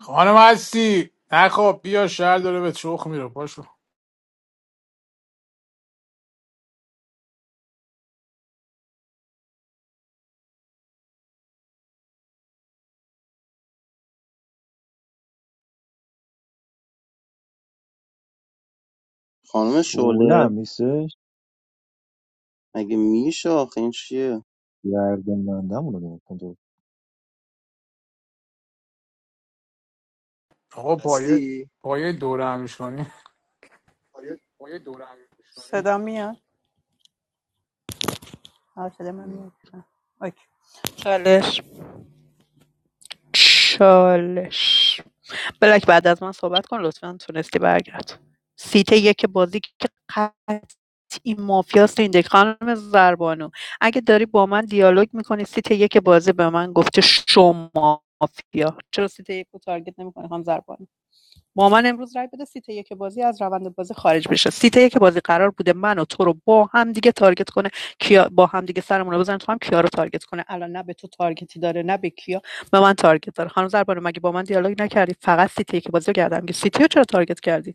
خانم هستی نه خب بیا شهر داره به چخ میره پاشو خانم شعله شعله هم نیستش مگه میشه آخه این چیه گردننده‌مون رو نگاه کن تو. آقا پایه هستی پایه دوره همیش کنی صدا صدا میاد آه، صدا من میاد آه، اوکی چالش چالش بلک بعد از من صحبت کن لطفا تونستی برگرد سیت یک بازی که قطعی مافیاست این دیگه. خانم زربانو اگه داری با من دیالوگ میکنی سیت یک بازی به من گفته شما مافیا چرا سیت یک رو تارگت نمیکنی خانم زربانو با من امروز رای بده سیت یک بازی از روند بازی خارج بشه سیت یک بازی قرار بوده من و تو رو با هم دیگه تارگت کنه کیا با هم دیگه سرمون رو بزنه تو هم کیا رو تارگت کنه الان نه به تو تارگتی داره نه به کیا به من تارگت داره خانم زربانو مگه با من دیالوگ نکردی فقط سیت یک بازی رو کردم که سیتی رو چرا تارگت کردی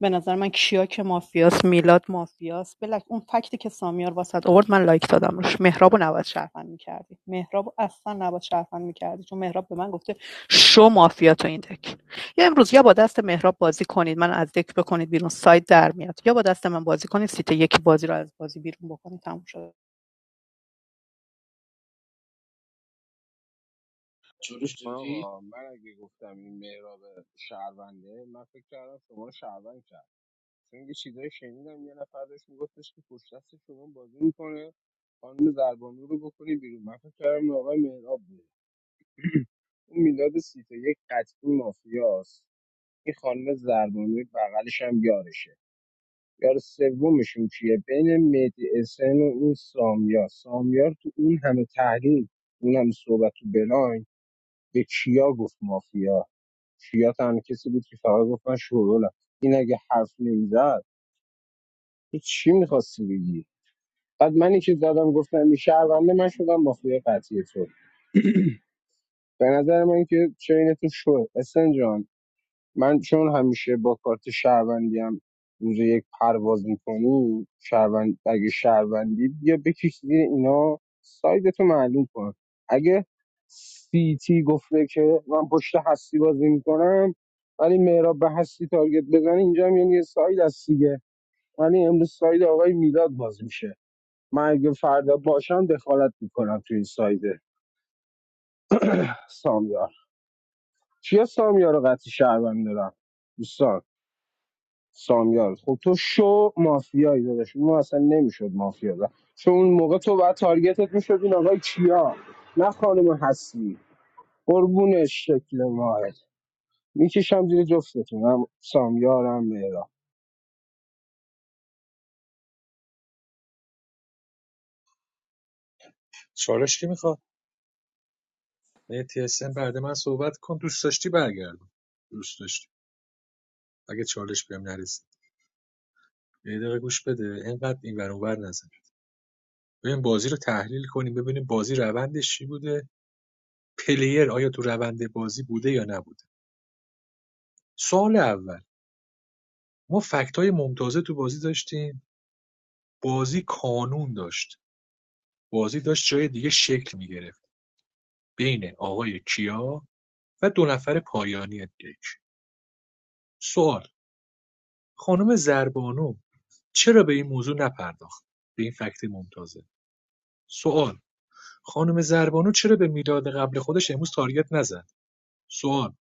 به نظر من کیا که مافیاس میلاد مافیاس بلک اون فکتی که سامیار واسط آورد من لایک دادم روش مهراب رو نباید شرفن میکردی مهرابو اصلا نباید شرفن میکردی چون مهراب به من گفته شو مافیا تو این دک یا امروز یا با دست مهراب بازی کنید من از دک بکنید بیرون سایت در میاد یا با دست من بازی کنید سیت یکی بازی رو از بازی بیرون بکنید تموم شد چورش من دادی آقا من اگه گفتم این مهراب شهرونده من فکر کردم شما رو شهروند کرد چون یه چیزایی شنیدم یه نفر داشت میگفتش که پشت دست شما بازی میکنه خانم زربانو رو بکنی بیرون من فکر کردم آقای مهراب بود اون میلاد سیته یک قطعی مافیاست این خانم زربانوی بغلش هم یارشه یار سومشون کیه بین مهدی اسن و این سامیار سامیار تو اون همه تحلیل اون همه صحبت تو بلاین به کیا گفت مافیا کیا تنها کسی بود که فقط گفت من شورولم این اگه حرف نمیزد تو چی میخواستی بگی بعد منی که زدم گفتم این شهرونده من شدم مافیا قطعی تو به نظر من که چینتون شد اسنجان، من چون همیشه با کارت شهروندی هم روز یک پرواز میکنی شهروند اگه شهروندی بیا بکش زیر اینا سایدتو معلوم کن اگه سیتی گفته که من پشت هستی بازی میکنم ولی مهراب به هستی تارگت بزنه اینجا هم یعنی یه ساید هست دیگه ولی امروز ساید آقای میلاد باز میشه من اگه فردا باشم دخالت میکنم توی این ساید سامیار چیا سامیار رو قطعی شهروند دارم دوستان سامیار خب تو شو مافیایی داداش ما اصلا نمیشد مافیا زد چون اون موقع تو باید تارگتت میشد این آقای کیا نه خانم هستی قربونش شکل ماهت میکشم زیر جفتتون هم سامیار هم مهرا چالش کی میخواد مهدی حسین بعد من صحبت کن دوست داشتی برگردم دوست داشتی اگه چالش بهم نرسید یه دقیقه گوش بده اینقدر این ور اونور نزن ببین بازی رو تحلیل کنیم ببینیم بازی روندش چی بوده پلیر آیا تو روند بازی بوده یا نبوده سوال اول ما فکت های ممتازه تو بازی داشتیم بازی کانون داشت بازی داشت جای دیگه شکل میگرفت بین آقای کیا و دو نفر پایانی دک سوال خانم زربانو چرا به این موضوع نپرداخت به این فکت ممتازه سوال خانم زربانو چرا به میلاد قبل خودش امروز تارگت نزد سوال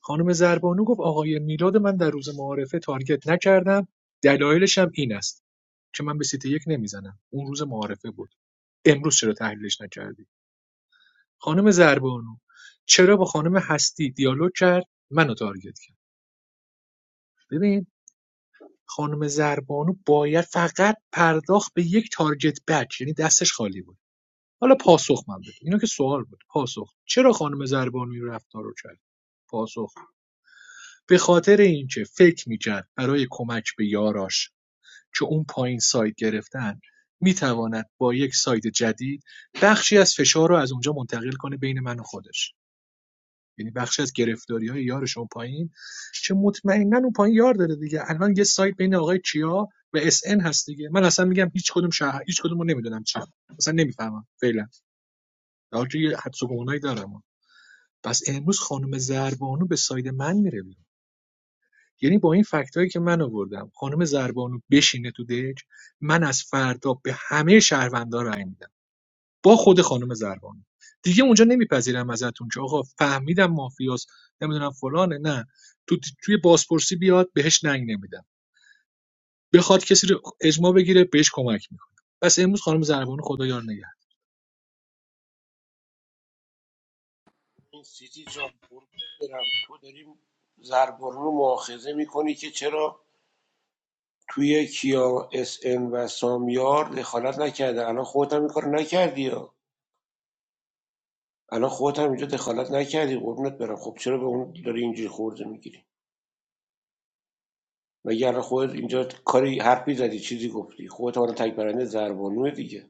خانم زربانو گفت آقای میلاد من در روز معارفه تارگت نکردم دلایلش هم این است که من به سیت یک نمیزنم اون روز معارفه بود امروز چرا تحلیلش نکردی خانم زربانو چرا با خانم هستی دیالوگ کرد منو تارگت کرد ببین خانم زربانو باید فقط پرداخت به یک تارگت بک یعنی دستش خالی بود حالا پاسخ من بده اینو که سوال بود پاسخ چرا خانم زربانو این رفتار رو کرد پاسخ به خاطر اینکه فکر میکرد برای کمک به یاراش که اون پایین سایت گرفتن میتواند با یک سایت جدید بخشی از فشار رو از اونجا منتقل کنه بین من و خودش یعنی بخشی از گرفتاری های یارش اون پایین که مطمئناً اون پایین یار داره دیگه الان یه سایت بین آقای کیا و اس ان هست دیگه من اصلا میگم هیچ کدوم شهر هیچ کدوم نمیدونم چیه اصلا نمیفهمم فعلا در حالی که یه حدس و گمونایی دارم پس امروز خانم زربانو به ساید من میره بیرون یعنی با این فکتایی که من آوردم خانم زربانو بشینه تو دک من از فردا به همه شهروندان رای میدم با خود خانم ضربانی دیگه اونجا نمیپذیرم ازتون که آقا فهمیدم مافیاس، نمیدونم فلانه نه تو توی بازپرسی بیاد بهش ننگ نمیدم بخواد کسی رو اجماع بگیره بهش کمک میکنه پس امروز خانم زربانو خدا یار نگه این سیتی جان قربونت برم تو داری زربارو رو مؤاخذه میکنی که چرا توی کیا اس ان و سامیار دخالت نکرده الان خودت هم این کارو نکردی الان خودت هم اینجا دخالت نکردی قربونت برم خب چرا به اون داری اینجوری خورده میگیری مگه الان خودت اینجا کاری حرفی زدی چیزی گفتی خودت الان تک برنده زربانو دیگه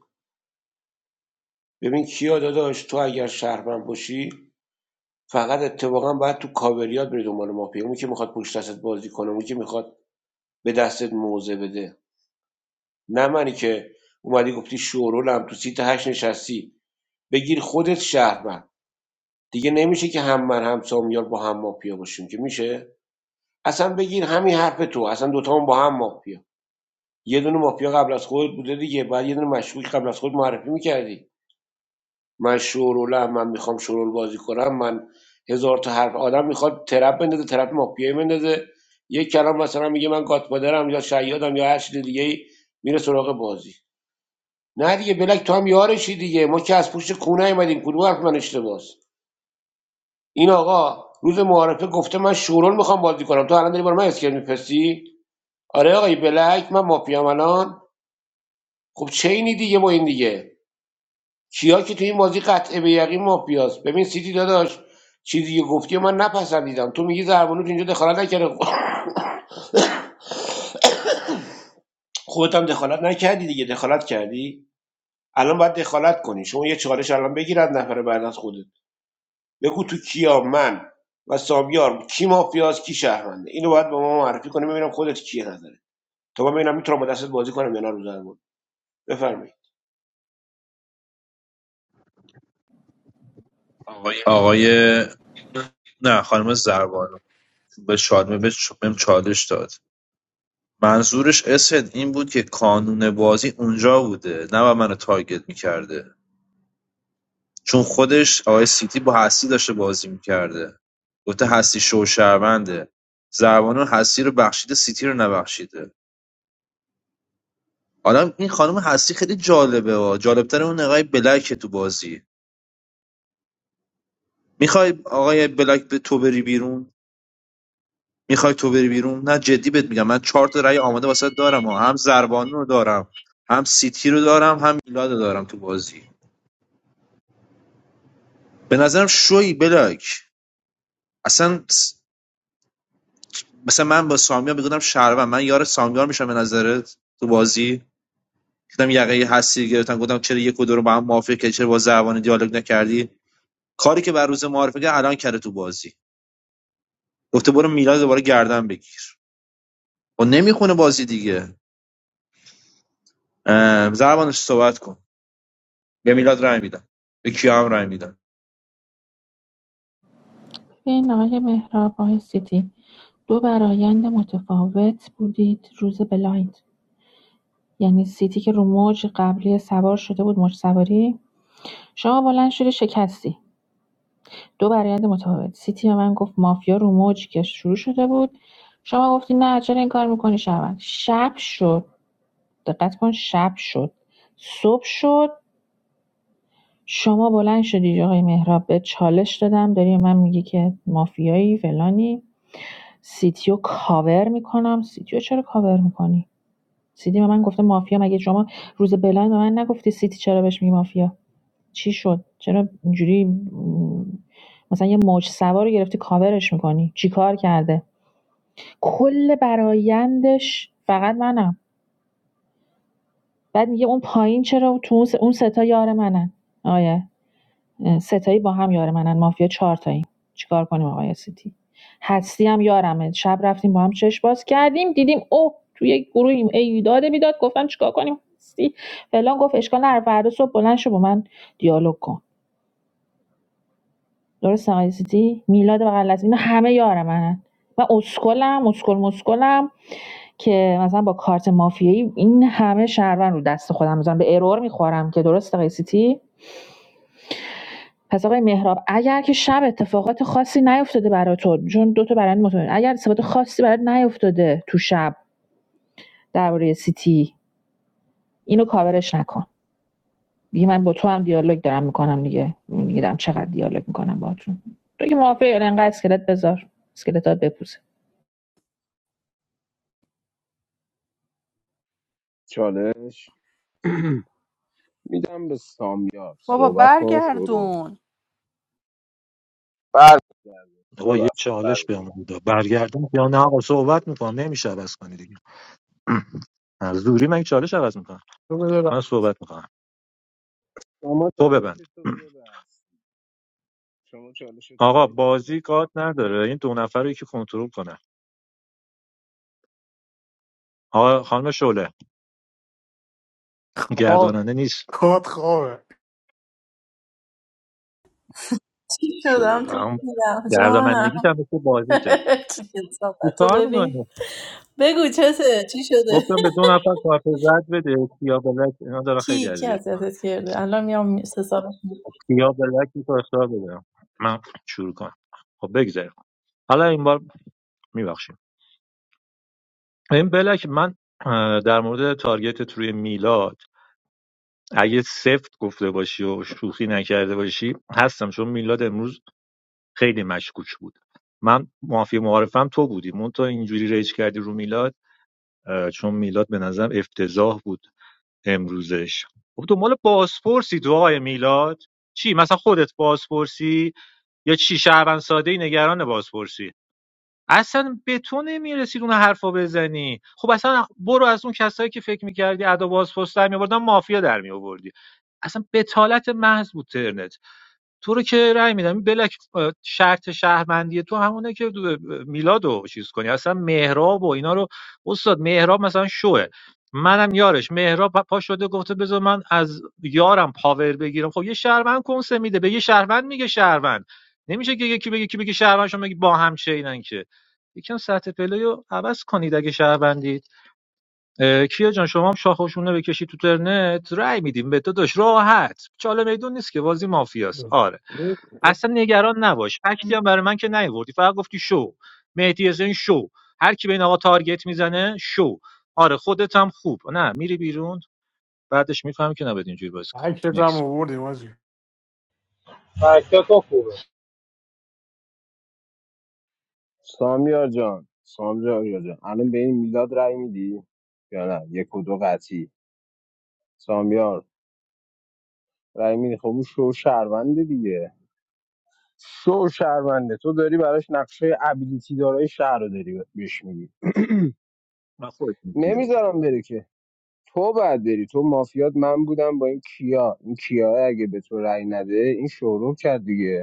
ببین کیا داداش تو اگر شهرمند باشی فقط اتفاقا باید تو کاوریات بری دنبال مافیا اونی که میخواد پشت دستت بازی کنه اونی که میخواد به دستت موزه بده نه منی که اومدی گفتی شورولم تو سیت هشت نشستی بگیر خودت شهرمند دیگه نمیشه که هم من هم سامیار با هم مافیا باشیم که میشه اصلا بگیر همین حرف تو اصلا دوتا هم با هم مافیا یه دونه مافیا قبل از خودت بوده دیگه بعد یه دونه مشکوک قبل از خود معرفی میکردی من شورولم من میخوام شورول بازی کنم من هزار تا حرف آدم میخواد ترپ بندازه ترپ مافیایی بندازه یک کلام مثلا میگه من گاتپادرم یا شیادم یا هر چیز دیگه ای میره سراغ بازی نه دیگه بلک تو هم یارشی دیگه ما که از پشت کونه ایمدیم کدوم حرف من اشتباس این آقا روز معارفه گفته من شورول میخوام بازی کنم تو الان داری برای من اسکل میپسی آره آقای بلک من مافیام الان خب چینی دیگه ما این دیگه کیا که تو این بازی قطعه به یقین مافیاست ببین سیتی داداش چیزی که گفتی من نپسندیدم تو میگی زربانوت اینجا دخالت نکرده (coughs) خودت هم دخالت نکردی دیگه دخالت کردی الان باید دخالت کنی شما یه چالش الان بگیرد نفر بعد از خودت بگو تو کیا من و سامیار کی مافیاست کی شهرمنده اینو باید به ما معرفی کنی ببینم خودت کیه نظره تا من ببینم میتونم با دستت بازی کنم یا نه رو زربان بفرمایید آقای نه خانم زربانو به شادمه بهم چالش داد منظورش اسهد این بود که کانون بازی اونجا بوده نه و منو تارگت میکرده چون خودش آقای سیتی با هستی داشته بازی میکرده گفته هستی شوشرونده زربانو هستی رو بخشیده سیتی رو نبخشیده حالا این خانم هستی خیلی جالبه ها جالبتر اون آقای بلکه تو بازی میخوای آقای بلک به تو بری بیرون میخوای تو بری بیرون نه جدی بهت میگم من چهار تا رأی آماده واسه دارم ها. هم زربانو رو دارم هم سیتی رو دارم هم میلاد رو دارم تو بازی به نظرم شوی بلاک اصلا مثلا من با سامیار میگفتم شهروند من یار سامیار میشم به نظرت تو بازی گفتم یقه هستی گرفتم گفتم چرا یک و دو رو با هم موافق که چرا با زبان دیالوگ نکردی کاری که بر روز معارفه کرد الان کرده تو بازی گفته برو میلاد دوباره گردن بگیر و نمیخونه بازی دیگه اه، زبانش صحبت کن به میلاد رای میدم به کیا هم رای میدم این آقای مهراب آقای سیتی دو برایند متفاوت بودید روز بلایند یعنی سیتی که رو موج قبلی سوار شده بود موج سواری شما بلند شدی شکستی دو برایند متفاوت سیتی به من گفت مافیا رو موج که شروع شده بود شما گفتی نه چرا این کار میکنی شب شب شد دقت کن شب شد صبح شد شما بلند شدی آقای مهراب به چالش دادم داری به من میگی که مافیایی فلانی سیتیو کاور میکنم سیتیو چرا کاور میکنی سیتی به من گفته مافیا مگه شما روز بلند به من نگفتی سیتی چرا بهش میگی مافیا چی شد چرا اینجوری مثلا یه موج سوار رو گرفتی کاورش میکنی چی کار کرده کل برایندش فقط منم بعد میگه اون پایین چرا تو اون س- اون ستا یار منن آیه ستایی با هم یار منن مافیا چهار تایی چیکار کنیم آقای سیتی هستی هم یارمه شب رفتیم با هم چش باز کردیم دیدیم اوه تو یک گروهیم ای داده بیداد. گفتم چیکار کنیم هستی فلان گفت اشکال نره فردا صبح بلند شو با من دیالوگ کن درسته آقای سیتی میلاد مقلص اینا همه یار منن من اسکلم اسکل مسکلم که مثلا با کارت مافیایی این همه شهروند رو دست خودم میذارم به ارور میخورم که درست آقای سیتی پس آقای مهراب اگر که شب اتفاقات خاصی نیفتاده برای تو چون دو تا برند مطمئن اگر اتفاقات خاصی برات نیفتاده تو شب درباره سیتی اینو کاورش نکن دیگه من با تو هم دیالوگ دارم میکنم دیگه میگیرم چقدر دیالوگ میکنم باهاتون تو که موافقی الان انقدر اسکلت بذار اسکلتات بپوسه چالش (clears throat) میدم به سامیار بابا صحبت کن شروع برگردون بله آقا یه ببخشید چالش بله به بودا برگردم یا نه آقا صحبت میکنم نمیشه عوض کنی دیگه (clears throat) از دوری من چالش عوض میکنم تو بده بر- من صحبت میکنم شما تو چالش ببند تو بده (clears throat) بس شما چالش تو آقا بک بازی بده کات نداره این دو نفر رو یکی کنترل کنه آقا خانم شعله خوابه گرداننده نیست کات خوابه چی شدم شعله تو هم دیدم گردانندگی جانم هم مثل بازیته (laughs) کی چی کتابت رو کار ببین می‌کنی؟ بگو چته چی شده گفتم (laughs) به دو نفر کارت زرد بده سیاه بلک اینا داره خیلی کی کی اذیت میکنن اذیتت کرده الان میام سه سیاه بلک رو اختار بده من شروع کنم خب بگذاریم حالا این بار میبخشیم این بلک من اه، در مورد تارگتت روی میلاد اگه سفت گفته باشی و شوخی نکرده باشی هستم چون میلاد امروز خیلی مشکوک بود من معافی معارفم تو بودی مون تو اینجوری ریج کردی رو میلاد اه، چون میلاد به نظرم افتضاح بود امروزش خب دنبال بازپرسی تو آقای میلاد چی مثلا خودت بازپرسی یا چی شهروند ساده ای نگران بازپرسی اصلا به تو نمیرسی اون حرفا بزنی خب اصلا برو از اون کسایی که فکر میکردی ادا بازپرس در میآوردن مافیا در میآوردی اصلا بتالت محض بود ترنت تو رو که رأی میدم بلک شرط شهروندی تو همونه که دو- میلاد چیز کنی اصلا مهراب و اینا رو استاد مهراب مثلا شوه منم یارش مهراب پا شده گفته بذار من از یارم پاور بگیرم خب یه شهروند کنسه میده به یه شهروند میگه شهروند نمیشه که یکی بگه یکی بگه شهروند شما بگی با هم چینن که یکم سطح پلی رو عوض کنید اگه شهروندید کیا جان شما هم شاخشونه بکشی تو ترنت رأی میدیم به داداش راحت چاله میدون نیست که بازی مافیاست آره اصلا نگران نباش فکتی هم برای من که نیوردی فقط گفتی شو مهدی حسین شو هر کی به این آقا تارگت میزنه شو آره خودت هم خوب نه میری بیرون بعدش میفهمی که نباید اینجوری بازی عکست کنی هم نکس آوردیم آجی. فکتاتون خوبه سامیار جان سامیار جان الان به این میلاد رأی میدی یا نه یک و دو قطعی سامیار رأی میدی خب اون شو شهرونده دیگه شو شهرونده تو داری براش نقشه ابیلیتی دارای شهر رو داری بهش میدی من خودت میری بیرون نمیذارم بره که تو بعد بری تو مافیات من بودم با این کیا این کیا اگه به تو رأی نده این شورو کرد دیگه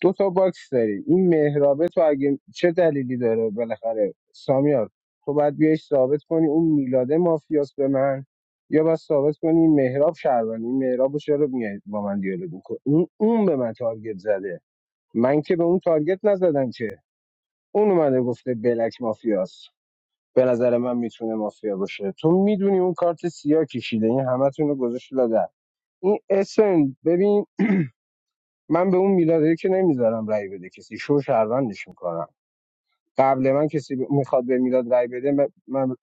دو تا باکس داریم این مهرابه تو اگه چه دلیلی داره بالاخره سامیار تو باید بیایش ثابت کنی اون میلاده مافیاس به من یا باید ثابت کنی این مهراب شهروند این مهراب رو چرا میاد با من دیالوگ میکنه اون اون به من تارگت زده من که به اون تارگت نزدم که اون اومده گفته بلک مافیاس به نظر من میتونه مافیا باشه تو میدونی اون کارت سیاه کشیده این همتون رو گذاشت لادر این اسن ببین من به اون میلاده که نمیذارم رأی بده کسی شو شهروندش میکنم قبل من کسی ب- میخواد به میلاد رای بده م- من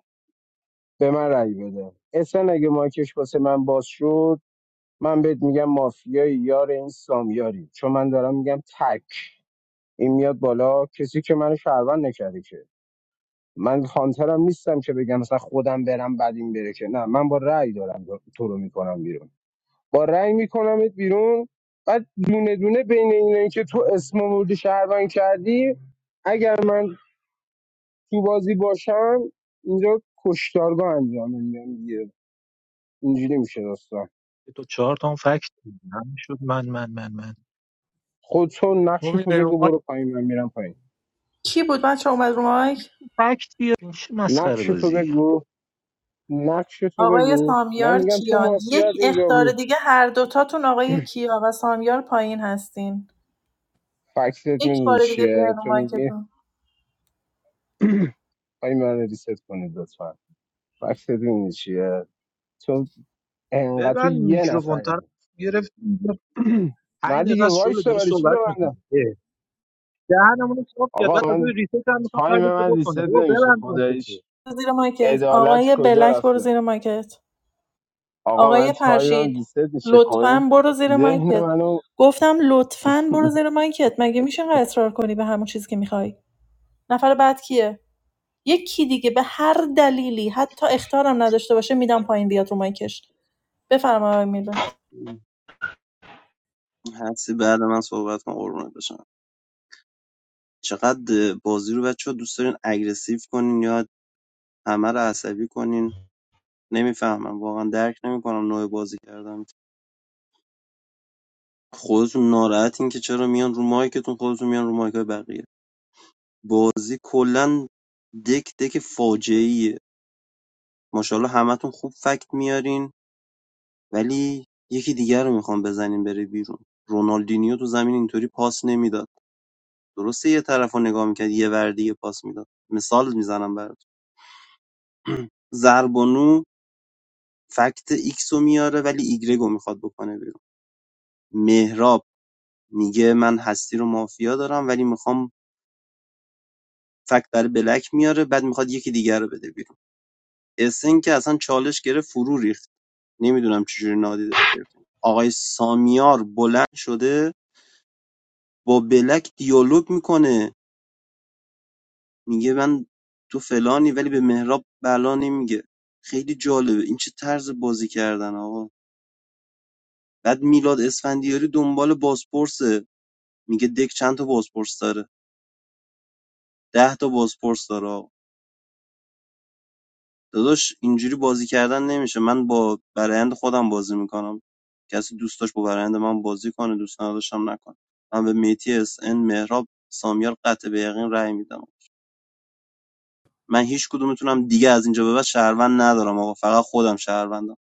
به من رای بده اصلا اگه مایکش واسه من باز شد من بهت میگم مافیایی یار این سامیاری چون من دارم میگم تک این میاد بالا کسی که منو شهروند نکرده که من هانترم نیستم که بگم مثلا خودم برم بعد این بره که نه من با رأی دارم تو رو میکنم بیرون با رأی میکنمت بیرون بعد دونه دونه بین اینایی که تو اسم مورد شهروند کردی اگر من تو بازی باشم اینجا کشتارگاه انجام انجام میگیره اینجوری میشه داستان تو چهار تا هم فکت دیدی. همین شد من من من من خودتو نقش تو تو میای بگو رو برو پایین من میرم پایین کی بود بچه اومد رو مایک فکت بیار این چه مسخره نقش تو بازیه بگو نقش تو آقای بگو من سامیار میگم تو کیان یک مافیات اینجا اختار بود دیگه هر دوتاتون آقای کیا و سامیار پایین هستین فکست یک میدونی بار دیگه چیه بیاین رو تو میگی مایکتون (clears throat) آی من ریست کنید لطفا فکست میدونی چیه تو انقدر تو ببن یه میکروفون طرف نفری گرفت (clears throat) نه عین دقیقه دیگه شغل وایسا داره برای چی صحبت میکنه ببندم دهنمون رو صاف کرد آقا بعد تازه من ریسیت هم میخواد تایم تایمش رو من ریست بکنه بابا نمیشه ببند مایکتو خداییش زیر مایکت عدالت آقای کجا بلک برو رفته زیر مایکت آقا من آقای تایمم فرشید ریست میشه خب این لطفا برو زیر ذهن مایکت منو گفتم لطفا برو زیر مایکت مگه میشه اینقدر اصرار کنی به همون چیزی که میخوای نفر بعد کیه یکی دیگه به هر دلیلی حتی اختارم نداشته باشه میدم پایین بیاد رو مایکش بفرما آقای میلاد هستی بعد من صحبت کنم قربونت بشم چقدر بازی رو بچه دوست دارین اگریسیو کنین یا همه رو عصبی کنین نمیفهمم واقعا درک نمیکنم نوع بازی کردم خودتون ناراحتین که چرا میان رو مایکتون خودتون میان رو مایک بقیه بازی کلا دک دک فاجعه ایه ماشاءالله همتون خوب فکت میارین ولی یکی دیگر رو میخوام بزنین بره بیرون رونالدینیو تو زمین اینطوری پاس نمیداد درسته یه طرف رو نگاه میکرد یه ور دیگه پاس میداد مثال میزنم برات زربانو فکت ایکسو میاره ولی ایگرگو میخواد بکنه بیرون مهراب میگه من هستی رو مافیا دارم ولی میخوام فکت برای بلک میاره بعد میخواد یکی دیگر رو بده بیرون اسن که اصلا چالش گرفت فرو ریخت نمیدونم چجوری نادیده گرفت آقای سامیار بلند شده با بلک دیالوگ میکنه میگه من تو فلانی ولی به مهراب بلا نمیگه خیلی جالبه این چه طرز بازی کردن آقا بعد میلاد اسفندیاری دنبال بازپرسه میگه دک چند تا بازپرس داره ده تا بازپرس داره داداش اینجوری بازی کردن نمیشه من با برایند خودم بازی میکنم کسی دوست داشت با برایند من بازی کنه دوست نداشتم نکنه من به میتی اس ان مهراب سامیار قطع به یقین رأی میدم من هیچ کدومتونم دیگه از اینجا به بعد شهروند ندارم آقا فقط خودم شهروندم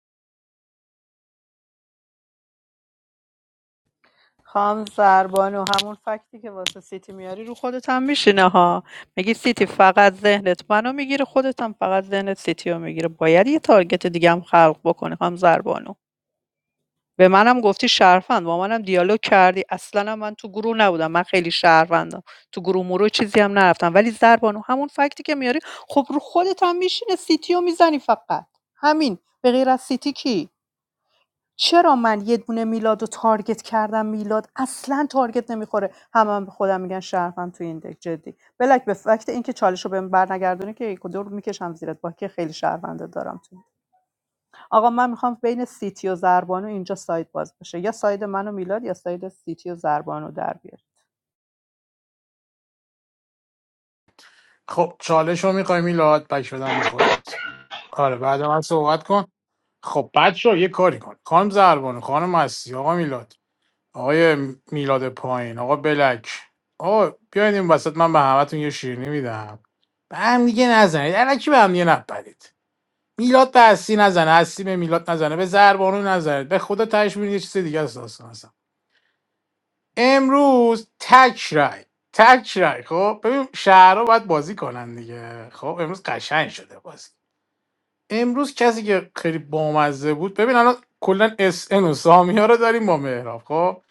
خام زربانو همون فکتی که واسه سیتی میاری رو خودت هم میشینه ها میگی سیتی فقط ذهنت منو میگیره خودت هم فقط ذهنت سیتی رو میگیره باید یه تارگت دیگه هم خلق بکنی خام زربانو به منم گفتی شرفند با منم دیالوگ کردی اصلا هم من تو گروه نبودم من خیلی شهروندم تو گروه مرو چیزی هم نرفتم ولی زربانو همون فکتی که میاری خب رو خودت هم میشینه سیتی رو میزنی فقط همین به غیر از سیتی کی چرا من یه دونه میلاد رو تارگت کردم میلاد اصلا تارگت نمیخوره همه هم به خودم میگن شهروند تو این دک جدی بلک به فکت اینکه چالش رو بهم برنگردونه که یک و دو رو میکشم زیرت با که خیلی شهرونده دارم تو آقا من میخوام بین سیتی و زربانو اینجا ساید باز بشه یا ساید من و میلاد یا ساید سیتی و زربانو در بیار خب چالش رو میخوای میلاد بک شدم به خودت آره بعد من صحبت کن خب بچه یه کاری کن خانم زربانو خانم مستی آقا میلاد آقای میلاد پایین آقا بلک آقا بیاید این وسط من به همتون یه شیرینی میدم به هم دیگه نزنید الکی به هم دیگه نپرید میلاد به هستی نزنه هستی به میلاد نزنه به زربانو نزنید به خدا تهش می‌بینید یه چیز دیگه است داستان اصلا. امروز تک رای تک رای خب ببین شهرها باید بازی کنن دیگه خب امروز قشنگ شده بازی امروز کسی که خیلی بامزه بود ببین الان کلا اس ان و سامیا رو داریم با مهراب خب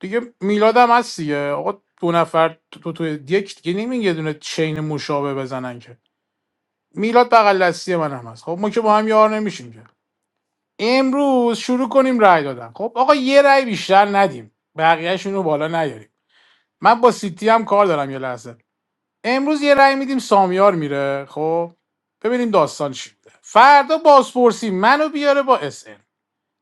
دیگه میلاد هم هست دیگه آقا دو نفر تو تو یک دیگه نمیگه یه دونه چین مشابه بزنن که میلاد بغل دستی من هم هست خب ما که با هم یار نمیشیم که امروز شروع کنیم رای دادن خب آقا یه رای بیشتر ندیم بقیه‌شون رو بالا نیاریم من با سیتی هم کار دارم یه لحظه امروز یه رأی میدیم سامیار میره خب ببینیم داستان چی بوده فردا بازپرسی منو بیاره با اس ام،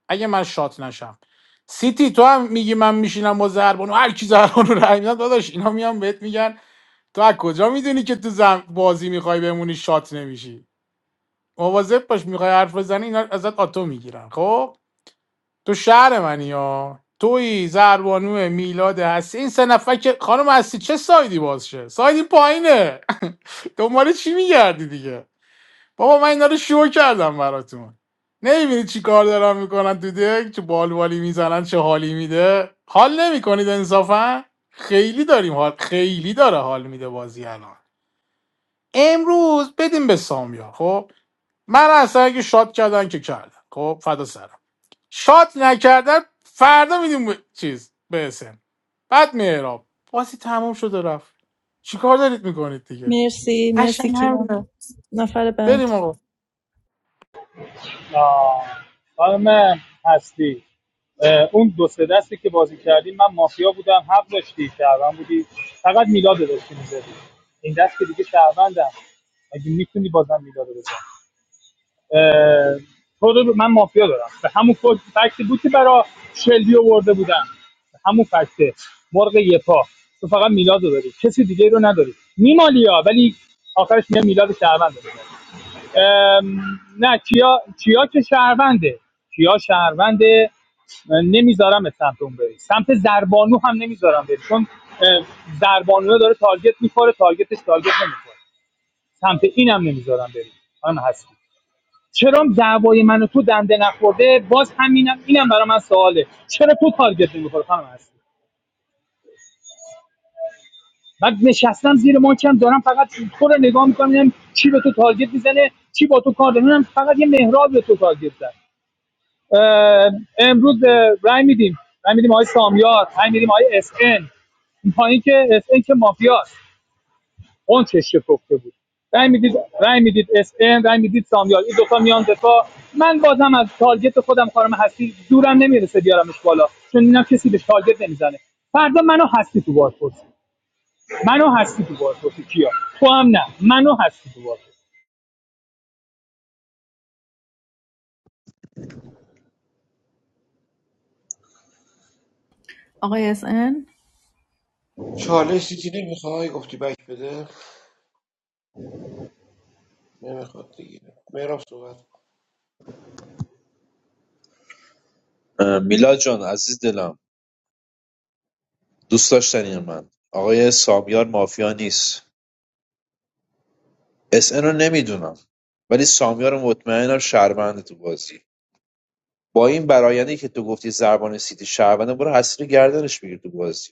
اگه من شات نشم سیتی تو هم میگی من میشینم با زربانو هر کی زربانو رأی میدن داداش اینا میان بهت میگن تو از کجا میدونی که تو زم بازی میخوای بمونی شات نمیشی مواظب باش میخوای حرف بزنی اینا ازت آتو میگیرن خب تو شهر منی ها توی زربانو میلاد هستی این سه نفر که خانم هستی چه سایدی بازشه سایدی پایینه (laughs) دنبال چی میگردی دیگه بابا من اینا رو شو کردم براتون نمیبینی چی کار دارن میکنن تو دک چه بالوالی میزنن چه حالی میده حال نمیکنید انصافا خیلی داریم حال خیلی داره حال میده بازی الان امروز بدیم به سامیا خب من اصلا اگه شاد کردن که کردن خب فدا سرت. شات نکردن فردا میدیم به- چیز به اسم بعد میراب بازی تموم شد و رفت چیکار دارید میکنید دیگه مرسی قشنگ مرسی کیا همینه نفر بعد بریم آقا آه. خانم هستی اون دو سه دستی که بازی کردیم من مافیا بودم حق داشتی شهروند بودی فقط میلاد رو داشتی میزدی این دست که دیگه شهروندم اگه میتونی بازم میلاد رو بزنی اه، تو من مافیا دارم به همون فکتی بود که برا شلبی آورده بودم به همون فکته مرغ یه پا تو فقط میلاد رو داری کسی دیگه رو نداری میمالیا ولی آخرش میگه میلاد شهروند رو داری. ام، نه کیا کیا که شهرونده کیا شهرونده اه، نمیذارم به سمت اون بری سمت زربانو هم نمیذارم بری چون اه، زربانو داره تارگت میخوره تارگتش تارگت نمیخوره سمت اینم نمیذارم بری خانم هستی چرا دعوای من و تو دنده نخورده باز همینم اینم برای من سواله چرا تو تارگت نمیخوره خانم هستی من نشستم زیر ماکم دارم فقط تو رو نگاه میکنم ببینم چی به تو تارگت میزنه چی با تو کار داره می‌بینم فقط یه مهراب به تو تارگت زد امروز اه، رای میدیم رای میدیم آقای سامیار رای میدیم آقای اس ان. این پایین که اس ان که مافیاست اونچش شکفته بود رای میدید رای میدید اس ام رای میدید سامیال این دو تا میان دفاع من بازم از تارگت خودم خانم هستی دورم نمیرسه بیارمش بالا چون اینم کسی بهش تارگت نمیزنه فردا منو هستی تو بازپرسی منو هستی تو بازپرسی کیا تو هم نه منو هستی تو بازپرسی آقای اس ان چالش چیزی نمیخوای گفتی بک بده نمیخواد دیگه مهراب صحبت کن. میلاد جان عزیز دلم دوست داشتنی من آقای سامیار مافیا نیست اس ان رو نمیدونم ولی سامیار مطمئنم شهرونده تو بازی با این برایندی که تو گفتی زربان سیتی شهرونده برو حسیر گردنش بگیر تو بازی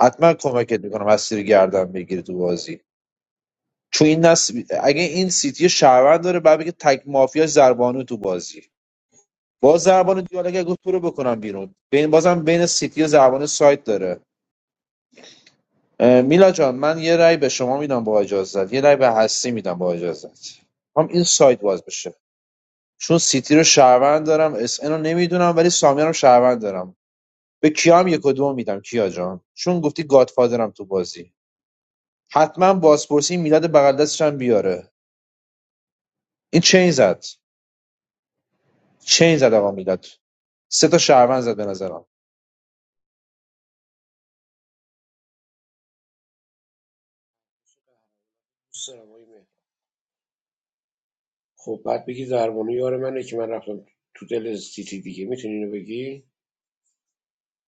حتما کمکت میکنم حسیر گردن بگیری تو بازی چون این نس... اگه این سیتی شهروند داره بعد بگه تک مافیا زربانو تو بازی با زربانو دیالوگ گفت تو رو بکنم بیرون بین بازم بین سیتی و زربانو سایت داره اه، میلا جان من یه رأی به شما میدم با اجازت یه رأی به هستی میدم با اجازت هم این سایت باز بشه چون سیتی رو شهروند دارم اس ان رو نمیدونم ولی سامیان رو شهروند دارم به کیا هم یک و دو میدم کیا جان چون گفتی گادفادرم تو بازی حتما بازپرسی میلاد بغل دستش هم بیاره این چین زد چین زد آقا میلاد سه تا شهروند زد به نظرم دوست دارم آقای مهراب. خب بعد بگی زربانو یار منه که من رفتم تو دل سیتی دیگه میتونی اینو بگی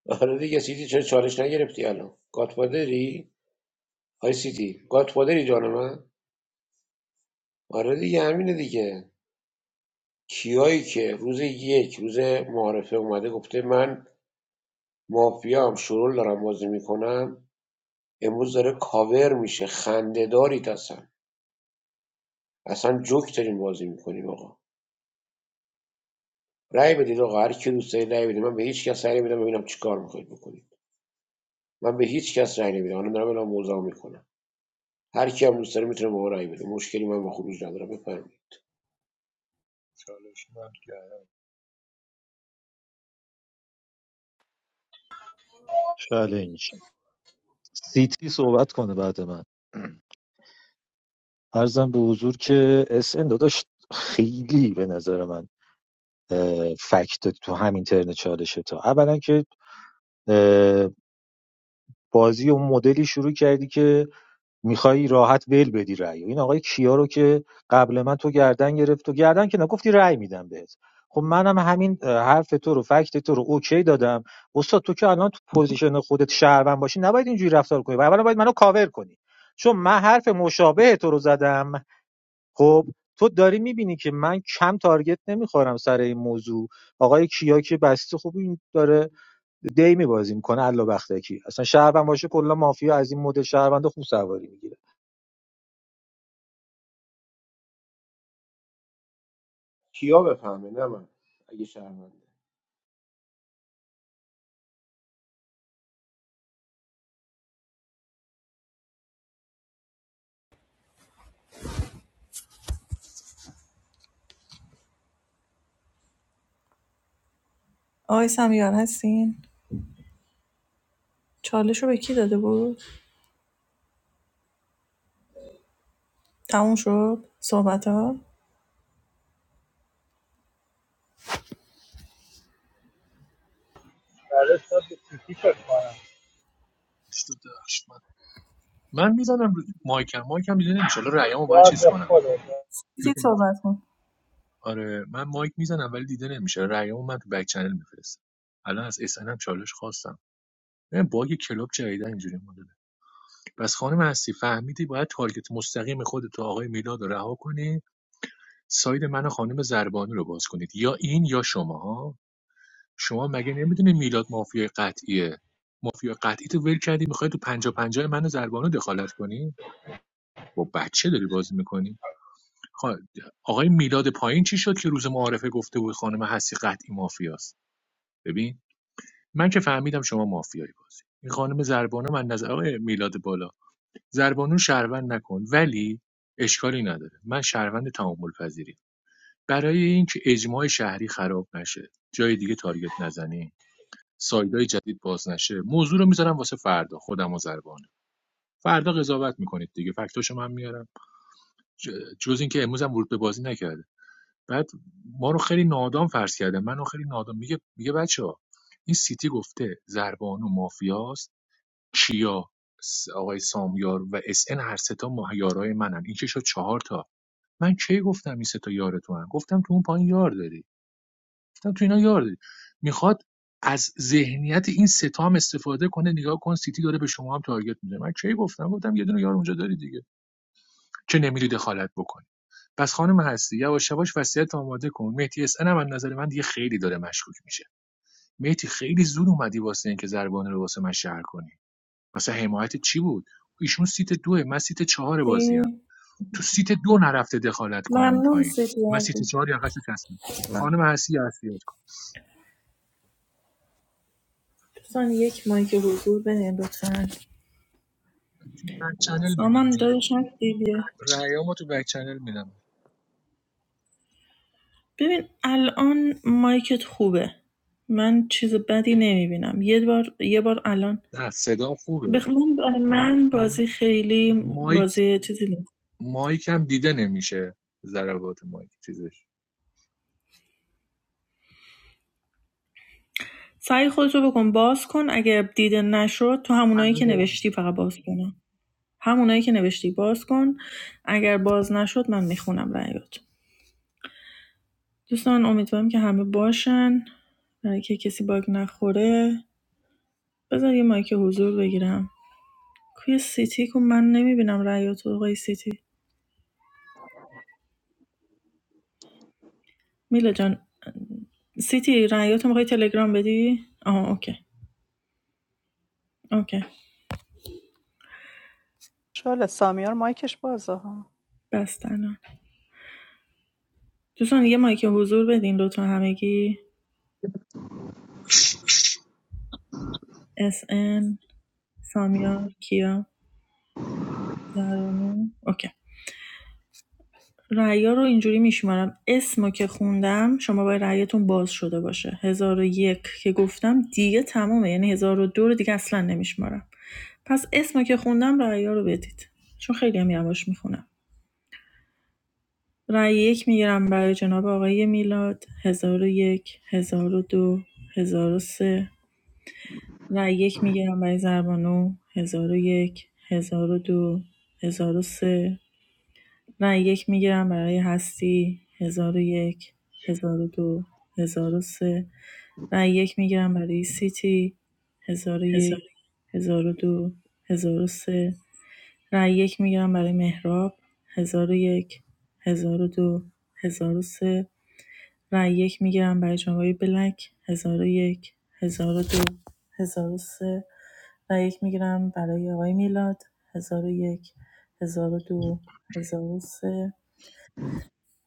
آره دیگه سیتی چرا چالش نگرفتی الان گاتفادری آی سیتی گاتفادری جان من آره دیگه همینه دیگه کیایی که روز یک روز معارفه اومده گفته من مافیام شرول دارم بازی میکنم امروز داره کاور میشه خندهداری هستن اصلا جوک داریم بازی میکنیم آقا رأی بدید آقا هر کی دوست دارید رأی بدید من به هیچ کس رأی نمیدم ببینم چیکار میخواید بکنید من به هیچ کس رأی نمیدم الان دارم اعلام موضع میکنم هر کی هم دوست داره میتونه به ما رأی بده مشکلی من با خروج ندارم بفرمایید چالش من چالش سیتی صحبت کنه بعد من ارزم به حضور که اس ان داداش خیلی به نظر من اه، فکت داد تو همین ترن چالشه تا اولا که اه، بازی اون مدلی شروع کردی که میخوای راحت ول بدی رأی این آقای کیا رو که قبل من تو گردن گرفت تو گردن که نگفتی رأی میدم بهت خب منم همین حرف تو رو فکت تو رو اوکی دادم استاد تو که الان تو پوزیشن خودت شهروند باشی نباید اینجوری رفتار کنی و اولا باید منو کاور کنی چون من حرف مشابه تو رو زدم خب تو داری میبینی که من کم تارگت نمیخورم سر این موضوع آقای کیا که بسته خوب این داره دی میبازی میکنه الا بختکی اصلا شهروند باشه کلا مافیا از این مدل شهروند خوب سواری میگیره کیا بفهمه نه من اگه شهرمنده آقای سمیار هستین چالش رو به کی داده بود تموم شد صحبت ها برای شاد سیتی فکر کنم گشت داشت من من میزنم رو مایکم مایکم دیده نمیشه حالا رأیمو باید یاد چیز به کنم خودت تو- چی صحبت کن آره من مایک میزنم ولی دیده نمیشه رأیمو من تو بک چنل میفرستم الان از اس ان ام چالش خواستم ببین باگ کلوب جدیدا اینجوری مدل پس خانم هستی فهمیدی باید تارگت مستقیم خودت و آقای میلاد رو رها کنی ساید من و خانم زربانی رو باز کنید یا این یا شما شما مگه نمیدونی میلاد مافیای قطعیه مافیا قطعی تو ول کردی میخوای تو پنجا پنجا من و زربانو دخالت کنی با بچه داری بازی میکنی خا- آقای میلاد پایین چی شد که روز معارفه گفته بود خانم هستی قطعی مافیاست ببین من که فهمیدم شما مافیایی بازی این خانم زربانو من نظر آقای میلاد بالا زربانو شهروند نکن ولی اشکالی نداره من شهروند تعامل پذیریم برای اینکه اجماع شهری خراب نشه جای دیگه تارگت نزنیم سایدای جدید باز نشه موضوع رو میذارم واسه فردا خودم و زربانو فردا قضاوت میکنید دیگه فکتاشو من میارم ج- جز اینکه امروز هم ورود به بازی نکرده بعد ما رو خیلی نادام فرض کرده منو خیلی نادام میگه میگه بچه این سیتی گفته زربانو مافیاست کیا آقای سامیار و اس ان هر سه تا ماه- یارای منن این که شد چهار تا من کی گفتم این سه تا یار تو هم گفتم تو اون پایین یار داری گفتم تو اینا یار داری میخواد از ذهنیت این سه تا هم استفاده کنه نگاه کن سیتی داره به شما هم تارگت میده من کی گفتم گفتم یه دونه یار اونجا داری دیگه که نمیری دخالت بکنی پس خانم هستی یواش یواش وصیت آماده کن مهدی اس ان هم از نظر من دیگه خیلی داره مشکوک میشه مهدی خیلی زود اومدی واسه اینکه ضربان رو واسه من شهر کنی واسه حمایت چی بود ایشون سیت دوه من سیت چهار سی. بازیم تو سیت دو نرفته دخالت کنه اون ممنون پایین سیتی من سیت هستی. چهار یا قصد کسیم خانم هستی هستیات کن دوستان یک مایک حضور بدین لطفا تو بک چنل سامان میدم داداش هستی دیگه. رأیامو تو بک چنل میدم ببین الان مایکت خوبه من چیز بدی نمیبینم یه بار یه بار الان نه صدام خوبه بخوام برای من بازی خیلی مایک بازی چیزی نیست مایک هم دیده نمیشه ضربات مایک چیزش سعی خودتو بکن باز کن اگر دیده نشد تو همونایی همه که دارم نوشتی میزنم فقط باز کنم همونایی که نوشتی باز کن اگر باز نشد من میخونم رأیات دوستان امیدوارم که همه باشن برای که کسی باگ نخوره بزن یه مایک حضور بگیرم کوی سیتی کو من نمیبینم رأیاتو آقای سیتی میلا جان سیتی رأیاتو میخوای تلگرام بدی آها اوکی اوکی شله سامیار مایکش بازه ها بس الان دوستان یه مایک حضور بدین لطفا همگی اس ان سامیار کیا زرانو اوکی رأیا رو اینجوری میشمارم اسمو که خوندم شما باید رأیتون باز شده باشه هزار و یک که گفتم دیگه تمومه یعنی هزار و دو رو دیگه اصلا نمیشمارم پس اسمو که خوندم رأیا رو بدید چون خیلی هم یواش میخونم رأی یک میگیرم برای جناب آقای میلاد 1001 1002 سه رأی یک میگیرم برای زربانو 1001 1002 سه نه یک میگیرم برای هستی هزار و یک هزار و دو هزار و سه نه یک میگیرم برای سیتی هزار و یک هزار و دو هزار و سه رأی یک میگیرم برای مهراب هزار و یک هزار و دو هزار و سه رای یک میگیرم برای جنبای بلک هزار 1002 1003 رای یک میگیرم برای آقای میلاد هزار 1002 1003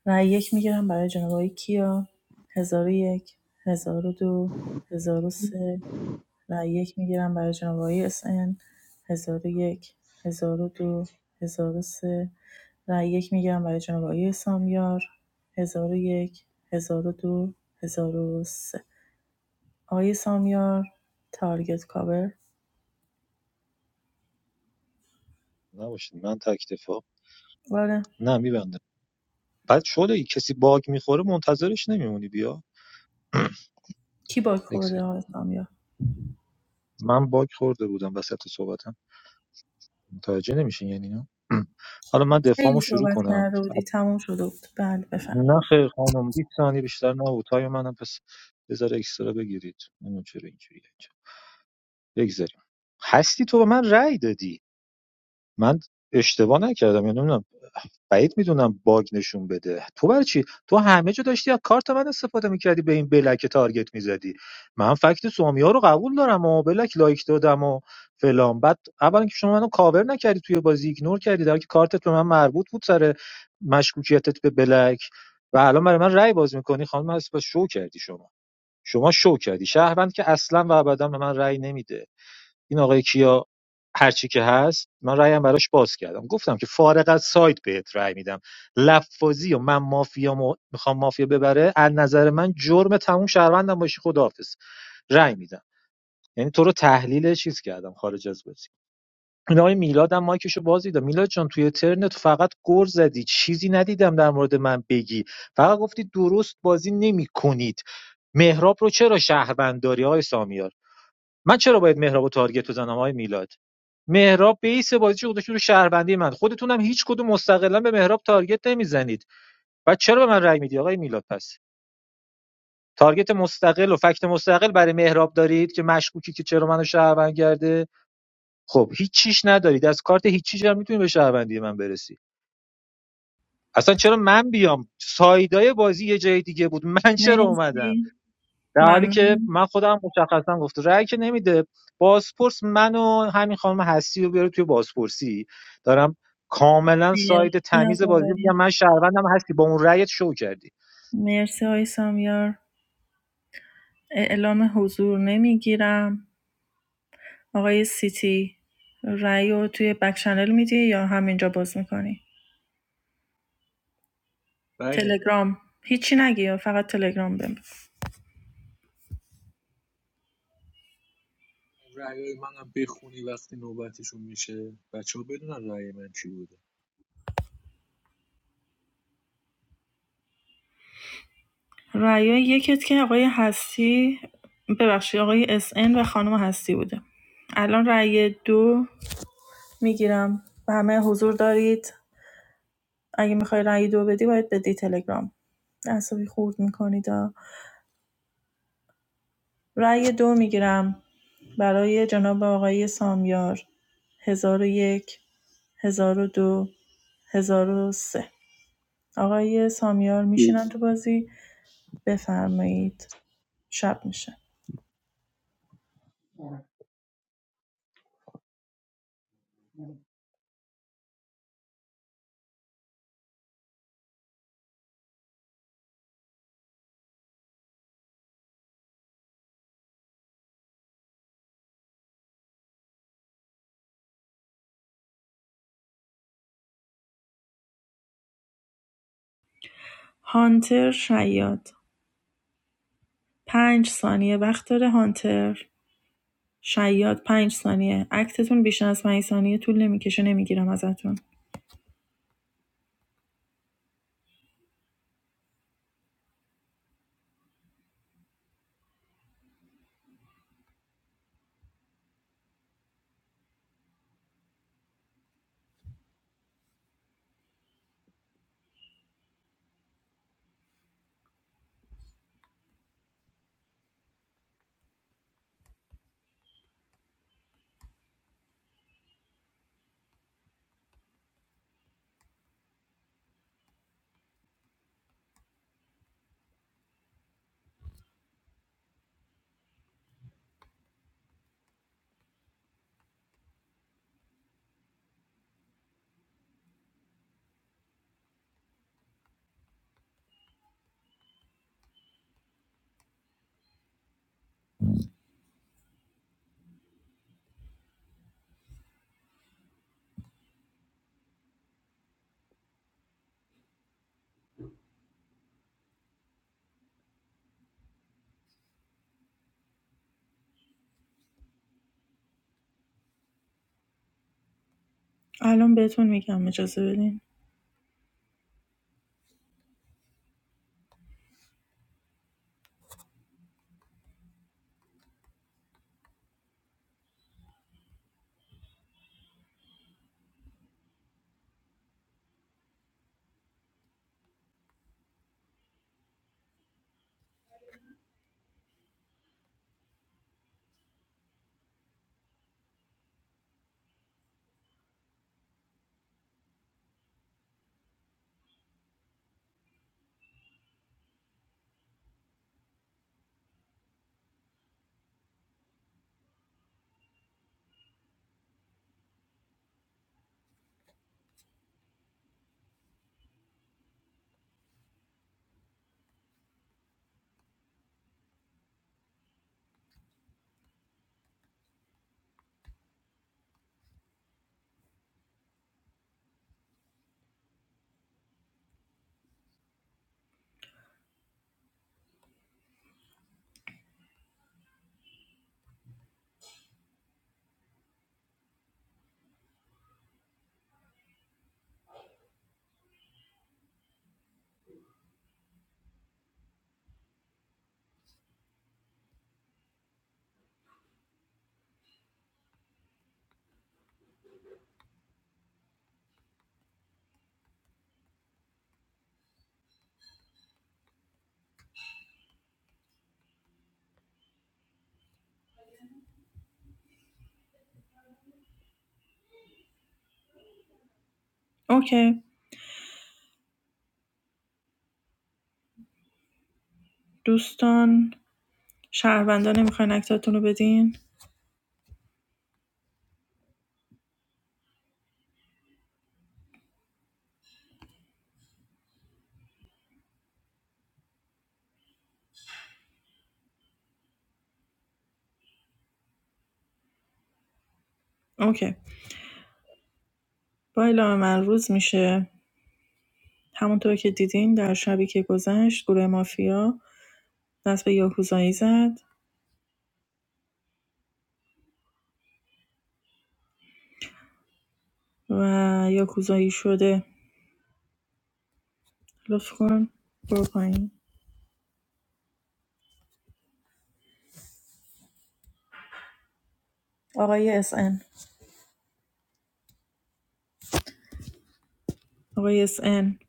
رای یک میگیرم برای جناب آقای کیا 1001 1002 سه رای یک میگیرم برای جناب آقای اس ان 1001 1002 1003 رای یک میگیرم برای جناب آقای سامیار 1001 1002 1003 آقای سامیار تارگت کاور نباشه من تک دفاع بله نه میبندم بعد شده ای کسی باگ میخوره منتظرش نمیمونی بیا (clears throat) کی باک یک خورده سری. آقای سامیار من باگ خورده بودم وسط صحبتم متوجه نمیشین یعنی نه (clears throat) حالا من خیلی دفاعمو شروع صحبت کنم کرده بودی تموم شده بود بله بفهم نه خیر خانم 20 ثانیه بیشتر نه تای منم پس بذار اکسترا بگیرید نمیدونم چرا اینجوریه اینجا بگذاریم هستی تو به من رأی دادی من اشتباه نکردم یعنی نمی‌دونم بعید میدونم باگ نشون بده تو برای چی تو همه جا داشتی از کارت من استفاده میکردی به این بلک تارگت میزدی من فکت سومی ها رو قبول دارم و بلک لایک دادم و فلان بعد اولا که شما منو کاور نکردی توی بازی ایگنور کردی در حالی که کارتت به من مربوط بود سر مشکوکیتت به بلک و الان برای من رأی باز میکنی خانم هست شو کردی شما شما شو کردی شهروند که اصلا و ابدا به من رأی نمیده این آقای کیا هرچی که هست من رایم براش باز کردم گفتم که فارغ از سایت بهت رأی میدم لفاظی و من مافیا میخوام مافیا ببره از نظر من جرم تموم شهروندم باشی خداحافظ رأی میدم یعنی تو رو تحلیل چیز کردم خارج از بازی این آقای میلاد هم مایکشو باز دیدم میلاد جان توی ترنت فقط گر زدی چیزی ندیدم در مورد من بگی فقط گفتی درست بازی نمیکنید. مهراب رو چرا شهروند داری آقای سامیار من چرا باید مهرابو تارگت بزنم آقای میلاد مهراب بیس بازیش گذاشته رو شهروندی من خودتونم هیچ کدوم مستقلا به مهراب تارگت نمیزنید و چرا به من رأی میدی آقای میلاد پس تارگت مستقل و فکت مستقل برای مهراب دارید که مشکوکی که چرا منو شهروند کرده خب هیچ چیش ندارید از کارت هیچ چیش هم میتونی به شهروندی من برسی اصلا چرا من بیام سایدای بازی یه جای دیگه بود من چرا اومدم مرسی در حالی که ممنون من خودم مشخصا گفته رأی که نمیده بازپرس من و همین خانم هستی رو بیاره توی بازپرسی دارم کاملا ساید مرسی از تمیز بازی آقای میگم من شهروندم هستی با اون رأیت شو کردی مرسی آقای سامیار اعلام حضور نمیگیرم آقای سیتی رأی رو توی بک چنل میدی یا همینجا باز میکنی رأی نمیدم تلگرام هیچی نگی فقط تلگرام بهم رأی منم بخونی وقتی نوبتشون میشه بچه ها بدونن رأی من چی بوده رأی یکت که آقای هستی ببخشید آقای اس ان و خانم هستی بوده الان رأی دو میگیرم و همه حضور دارید اگه میخوای رأی دو بدی باید بدی تلگرام عصبی خورد میکنید رأی دو میگیرم برای جناب آقای سامیار هزار و یک 1002 سه. آقای سامیار میشینن تو بازی بفرمایید شب میشه هانتر شیاد پنج ثانیه وقت داره هانتر شیاد پنج ثانیه اکتتون بیشتر از پنج ثانیه طول نمیکشه نمیگیرم ازتون الان بهتون میگم اجازه بدین اوکی دوستان شهروندا نمیخواین اکتتون رو بدین اوکی با اعلام من روز میشه همونطور که دیدین در شبی که گذشت گروه مافیا دست به یاکوزایی زد و یاکوزایی شده لطف کن برو پایین آقای اس ان آقای اس ان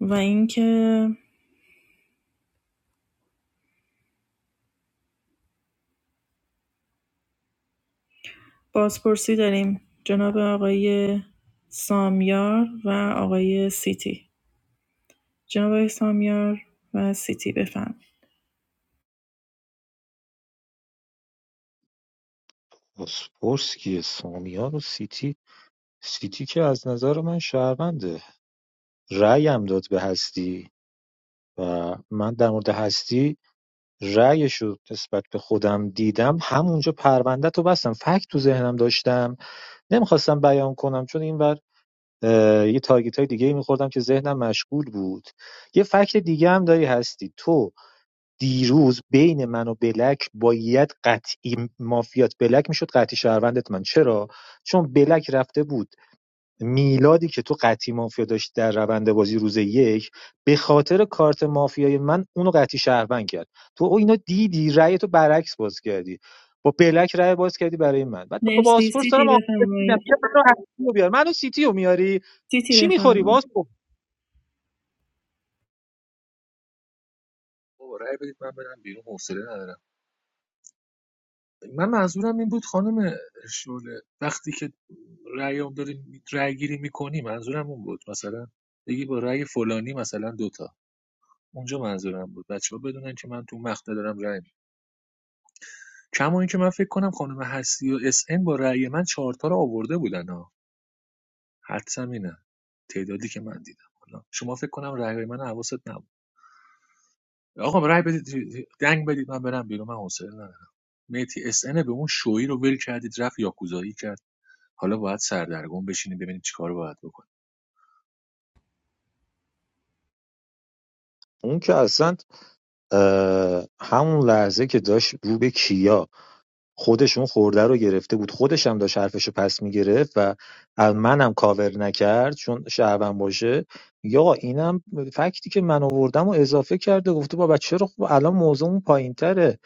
و اینکه بازپرسی داریم جناب آقای سامیار و آقای سیتی جناب آقای سامیار و سیتی بفرمایید. باسپورس کیه سامیان و سیتی سیتی که از نظر من شهرونده رأیم داد به هستی و من در مورد هستی رأیش رو نسبت به خودم دیدم همونجا پرونده تو بستم فکت تو ذهنم داشتم نمیخواستم بیان کنم چون این یه تارگت های دیگه میخوردم که ذهنم مشغول بود یه فکت دیگه هم داری هستی تو دیروز بین من و بلک باید قطعی مافیات بلک میشد قطعی شهروندت من چرا چون بلک رفته بود میلادی که تو قطعی مافیا داشت در روند بازی روز یک به خاطر کارت مافیای من اونو قطعی شهروند کرد تو او اینو دیدی رأی تو برعکس باز کردی با بلک رأی باز کردی برای من بعد با مرسی پاسپورت سیتی دارم آخه میدم بفرمایید بیا منو هستی رو بیار منو سیتی میاری سیتی چی میخوری باز بفرمایید بابا رأی بدید من برم بیرون حوصله ندارم من منظورم این بود خانم شعله وقتی که رأیام داریم رأی گیری میکنی منظورم اون بود مثلا بگی با رأی فلانی مثلا دوتا اونجا منظورم بود بچه ها بدونن که من تو مقطع دارم رأی می‌دم. کما اینکه من فکر کنم خانم هستی و اس ان با رأی من چهارتا رو آورده بودن ها حدسم اینه تعدادی که من دیدم حالا شما فکر کنم رأی من حواست نبود آقا رأی بدید دنگ بدید من برم بیرون من حوصله ندارم میتی اس ان به اون شوی رو ول کردید رفت یاکوزایی کرد حالا باید سردرگم بشینیم ببینیم چیکار باید بکنیم اون که اصلا همون لحظه که داشت رو به کیا خودشون اون خورده رو گرفته بود خودش هم داشت حرفش رو پس میگرفت و از منم کاور نکرد چون شهروند باشه یا آقا اینم فکتی که من آوردم و اضافه کرده گفته بابا چرا خب الان موضوعمون پایین تره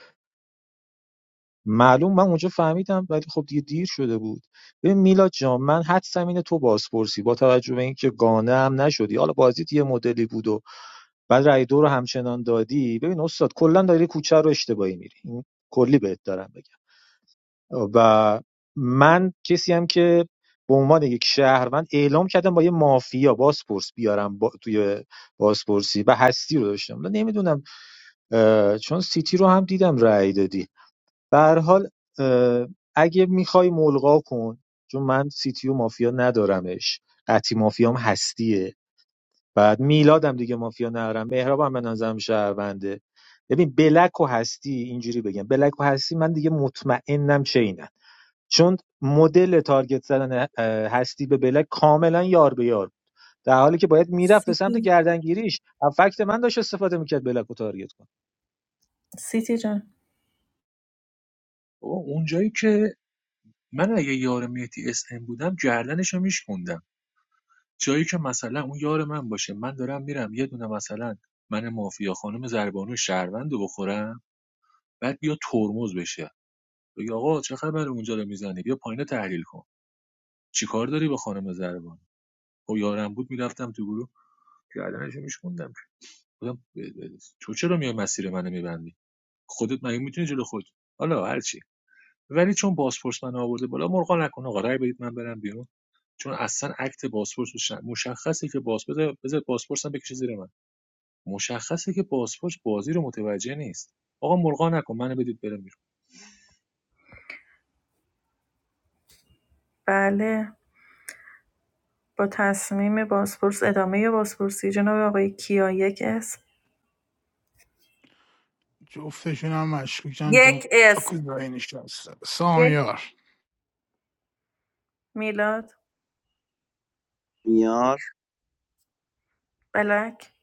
معلوم من اونجا فهمیدم ولی خب دیگه دیر شده بود ببین میلاد جان من حدسم اینه تو بازپرسی با توجه به اینکه گانه هم نشدی حالا بازیت یه مدلی بود و بعد رای دو رو همچنان دادی ببین استاد کلا داری کوچه رو اشتباهی میری این کلی بهت دارم بگم و من کسی هم که به عنوان یک شهروند اعلام کردم با یه مافیا بازپرس بیارم با توی بازپرسی و هستی رو داشتم من نمیدونم چون سیتی رو هم دیدم رأی دادی به هر حال اگه میخوای ملغا کن چون من سیتی و مافیا ندارمش قطعی مافیام هستیه بعد میلادم دیگه مافیا ندارم مهراب هم به نظرم شهرونده ببین بلک و هستی اینجوری بگم بلک و هستی من دیگه مطمئنم چینم چون مدل تارگت زدن هستی به بلک کاملا یار به یار بود در حالی که باید میرفت به سمت سیتی گردنگیریش از فکت من داشت استفاده میکرد بلک رو تارگت کنه سیتی جان بابا اونجایی که من اگه یار مهدی اس ام بودم گردنشو میشکوندم جایی که مثلا اون یار من باشه من دارم میرم یه دونه مثلا من مافیا خانم زربانو شهروند رو بخورم بعد بیا ترمز بشه بگی آقا چه خبر اونجا رو میزنی بیا پایین تحلیل کن چیکار داری با خانم زربانو خب یارم بود میرفتم تو گروه گردنشو میشکوندم بودم تو چرا میای مسیر منو میبندی خودت مگه میتونی جلو خود حالا هرچی ولی چون بازپرس من آورده بالا مرغا نکن آقا رأی بدید من برم بیرون چون اصلا اکت بازپرس رو مشخصه که باز بذار بذار بازپرس هم بکشه زیر من مشخصه که بازپرس بازی رو متوجه نیست آقا مرغا نکن منو بدید برم بیرون بله با تصمیم بازپرس ادامه بازپرسی جناب آقای کیا یک اسم جفتشون هم مشکوکن جم یک اسم یاکوزایی نشسته یک سامیار میلاد میار بلک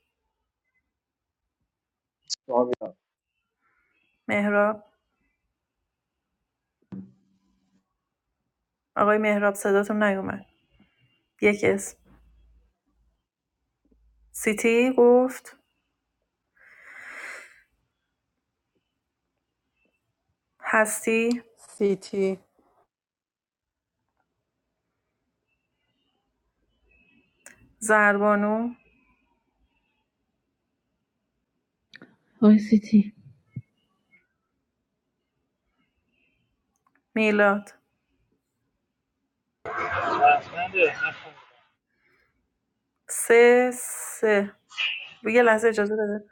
سامیار مهراب آقای مهراب صداتون نیومد یک اسم سیتی گفت هستی سیتی زربانو آقای سیتی میلاد سه سه یه لحظه اجازه بده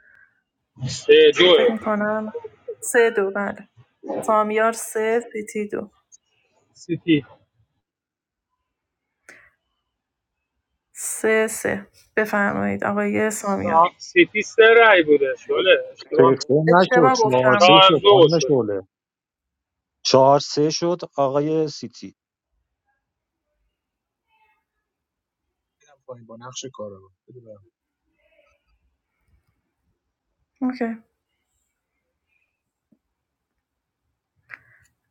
سه دوه فکر میکنم سه دو بله سامیار سه سیتی دو سیتی سه سه بفرمایید آقای سامیار سیتی سه رای بوده شله اشتباه می سه نشد اشتباه چهار سه گفتم شد چهار دو خانم شده شعله چهار سه شد آقای سیتی پایین با نقش کارآگاه بده برم اوکی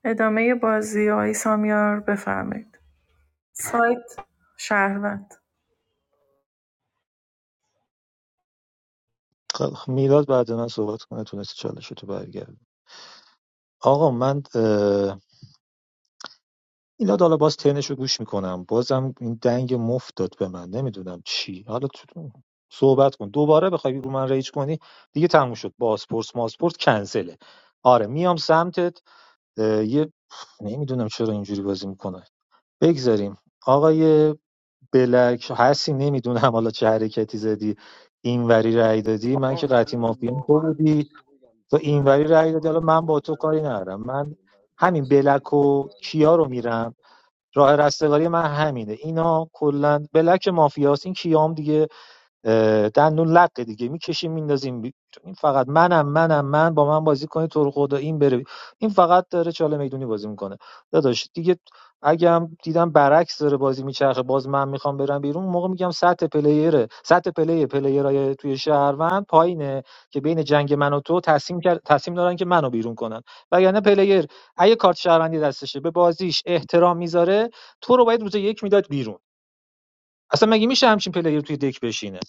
ادامه بازی آقای سامیار بفرمایید سایت شهروند خب، میلاد بعد من صحبت کنه تونست چالش رو برگردونه آقا من اه، اینا حالا باز تنش رو گوش میکنم بازم این دنگ مفت داد به من نمیدونم چی حالا تو صحبت کن دوباره بخوای رو من ریج کنی دیگه تموم شد بازپرس ماسپورت کنسله آره میام سمتت اه، یه نمیدونم چرا اینجوری بازی میکنه بگذاریم آقای بلک هستی نمیدونم حالا چه حرکتی زدی اینوری رأی دادی من آقا که قطعی من مافیام تو واقعا یه بودی چیزی بگم تو میخوام برم اینوری رأی دادی بخوابم حالا من خب با تو منم کاری میرم ندارم من پایین من همین حوصله این بلک دیگه و کیا رو ندارم. میرم راه رستگاری من همینه اینا کلا بلک مافیاست این کیام دیگه اه، دندون لقه دیگه میکشیم میندازیم بیرون این فقط منم منم من با من بازی کنی تو رو خدا این بره این فقط داره چاله میدونی بازی میکنه داداش دیگه اگه هم دیدم برعکس داره بازی میچرخه باز من میخوام برم بیرون اون موقع میگم سطح پلیره سطح پلی پلیرای توی شهروند پایینه که بین جنگ من و تو تصمیم کرد تصمیم دارن که منو بیرون کنن وگرنه پلیر اگه کارت شهروندی دستشه به بازیش احترام میذاره تو رو باید روز یک میداد بیرون اصلا مگه میشه همچین پلیر توی دک بشینه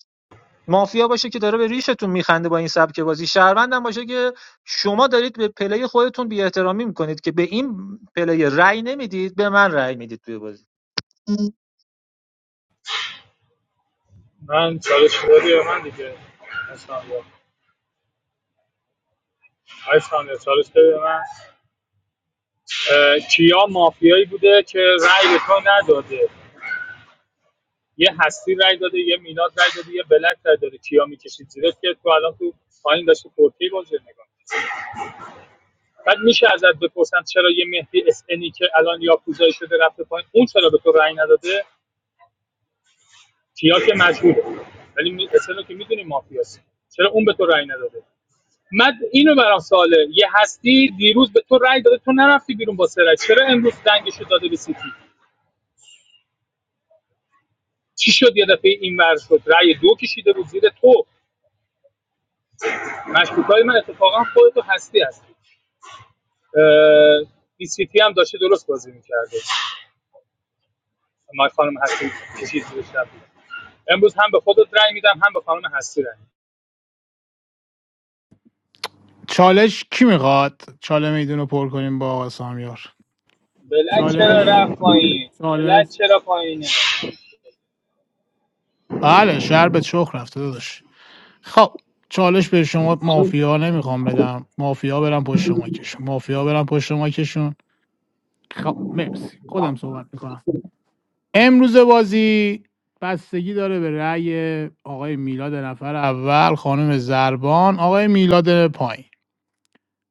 مافیا باشه که داره به ریشتون میخنده با این سبک بازی شهروندم باشه که شما دارید به پلی خودتون بی میکنید که به این پلی رأی نمیدید به من رأی میدید توی بازی من چالش دادی به من دیگه اصلا آیس خانم چالش بده به من کیا مافیایی بوده که رأی به تو نداده یه هستی رأی داده یه میلاد رأی داده یه بلک رأی داده کیا میکشید زیرش که تو الان تو پایین داشتی پورتی بازی نگاه بعد میشه ازت بپرسم چرا یه مهدی اس انی که الان یا پوزایی شده رفته پایین اون چرا به تو رأی نداده کیا که مجهوله ولی می- اس رو که میدونی مافیاست چرا اون به تو رأی نداده من اینو برام سواله یه هستی دیروز به تو رأی داده تو نرفتی بیرون با سرعت چرا امروز دنگشو داده به سیتی چی شد یه دفعه این ور شد رأی دو کشیده بود زیر تو مشکوکای من اتفاقا خودتو هستی هستی بی سی تی هم داشته درست بازی میکرده ما خانم هستی کشید زیر شب امروز هم به خودت رأی میدم هم به خانم هستی رأی میدم. چالش کی میخواد چاله میدون رو پر کنیم با آقا سامیار بلد چرا چالش رفت پایین چالش بلد چرا پایینه بله شهر به چخ رفته داداش خب چالش به شما مافیا نمیخوام بدم مافیا برم پشت ماکشون مافیا برم پشت ماکشون خب مرسی خودم صحبت میکنم امروز بازی بستگی داره به رأی آقای میلاد نفر اول خانم زربان آقای میلاد پایین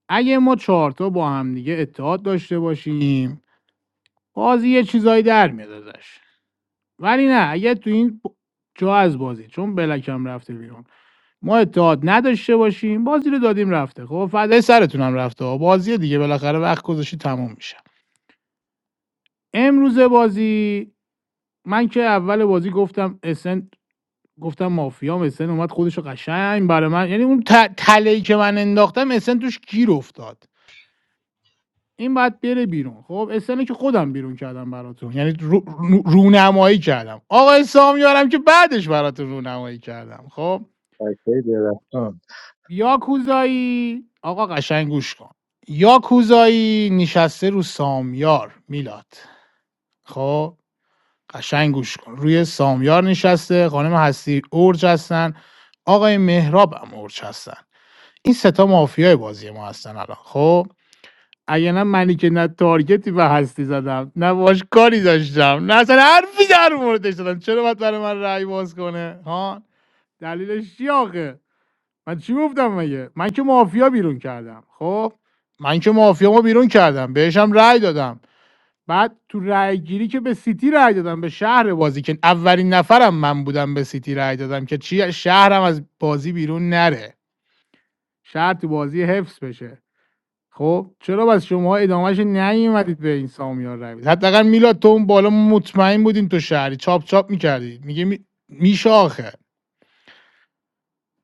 اگه ما چهارتا با هم دیگه اتحاد داشته باشیم بازی یه چیزایی در میاد ازش ولی نه اگه تو این ب- جا از بازی چون بلکم رفته بیرون ما اتحاد نداشته باشیم بازی رو دادیم رفته خب فدای سرتونم رفته ها. بازی دیگه بالاخره وقت گذاشتی تموم میشه امروز بازی من که اول بازی گفتم اسن گفتم مافیام اسن اومد خودش رو قشنگ برای من یعنی اون ت- تله‌ای که من انداختم اسن توش گیر افتاد این بعد بره بیرون خب اسن که خودم بیرون کردم براتون یعنی رو- رو- رونمایی کردم آقا سامیارم که بعدش براتون رونمایی کردم خب فکرهای درختان یاکوزایی آقا قشنگ گوش کن یاکوزایی نشسته رو سامیار میلاد خب قشنگ گوش کن روی سامیار نشسته خانم هستی اورج هستن آقای مهراب هم اورج هستن این ستا مافیای بازی ما هستن الان خب اگه نه منی که نه تارگتی به هستی زدم نه باش کاری داشتم نه اصلا حرفی در موردش زدم چرا باید برای من رأی باز کنه ها دلیلش چی آخه من چی گفتم مگه من که مافیا بیرون کردم خب من که مافیامو بیرون کردم بهشم رأی دادم بعد تو رای گیری که به سیتی رای دادم به شهر بازی که اولین نفرم من بودم به سیتی رای دادم که چی شهرم از بازی بیرون نره شهر تو بازی حفظ بشه خب چرا بس شما ادامهش نیومدید به این سامیار رای بدید حداقل میلاد تو اون بالا مطمئن بودین تو شهری چاپ چاپ میکردی میگه می... میشه آخه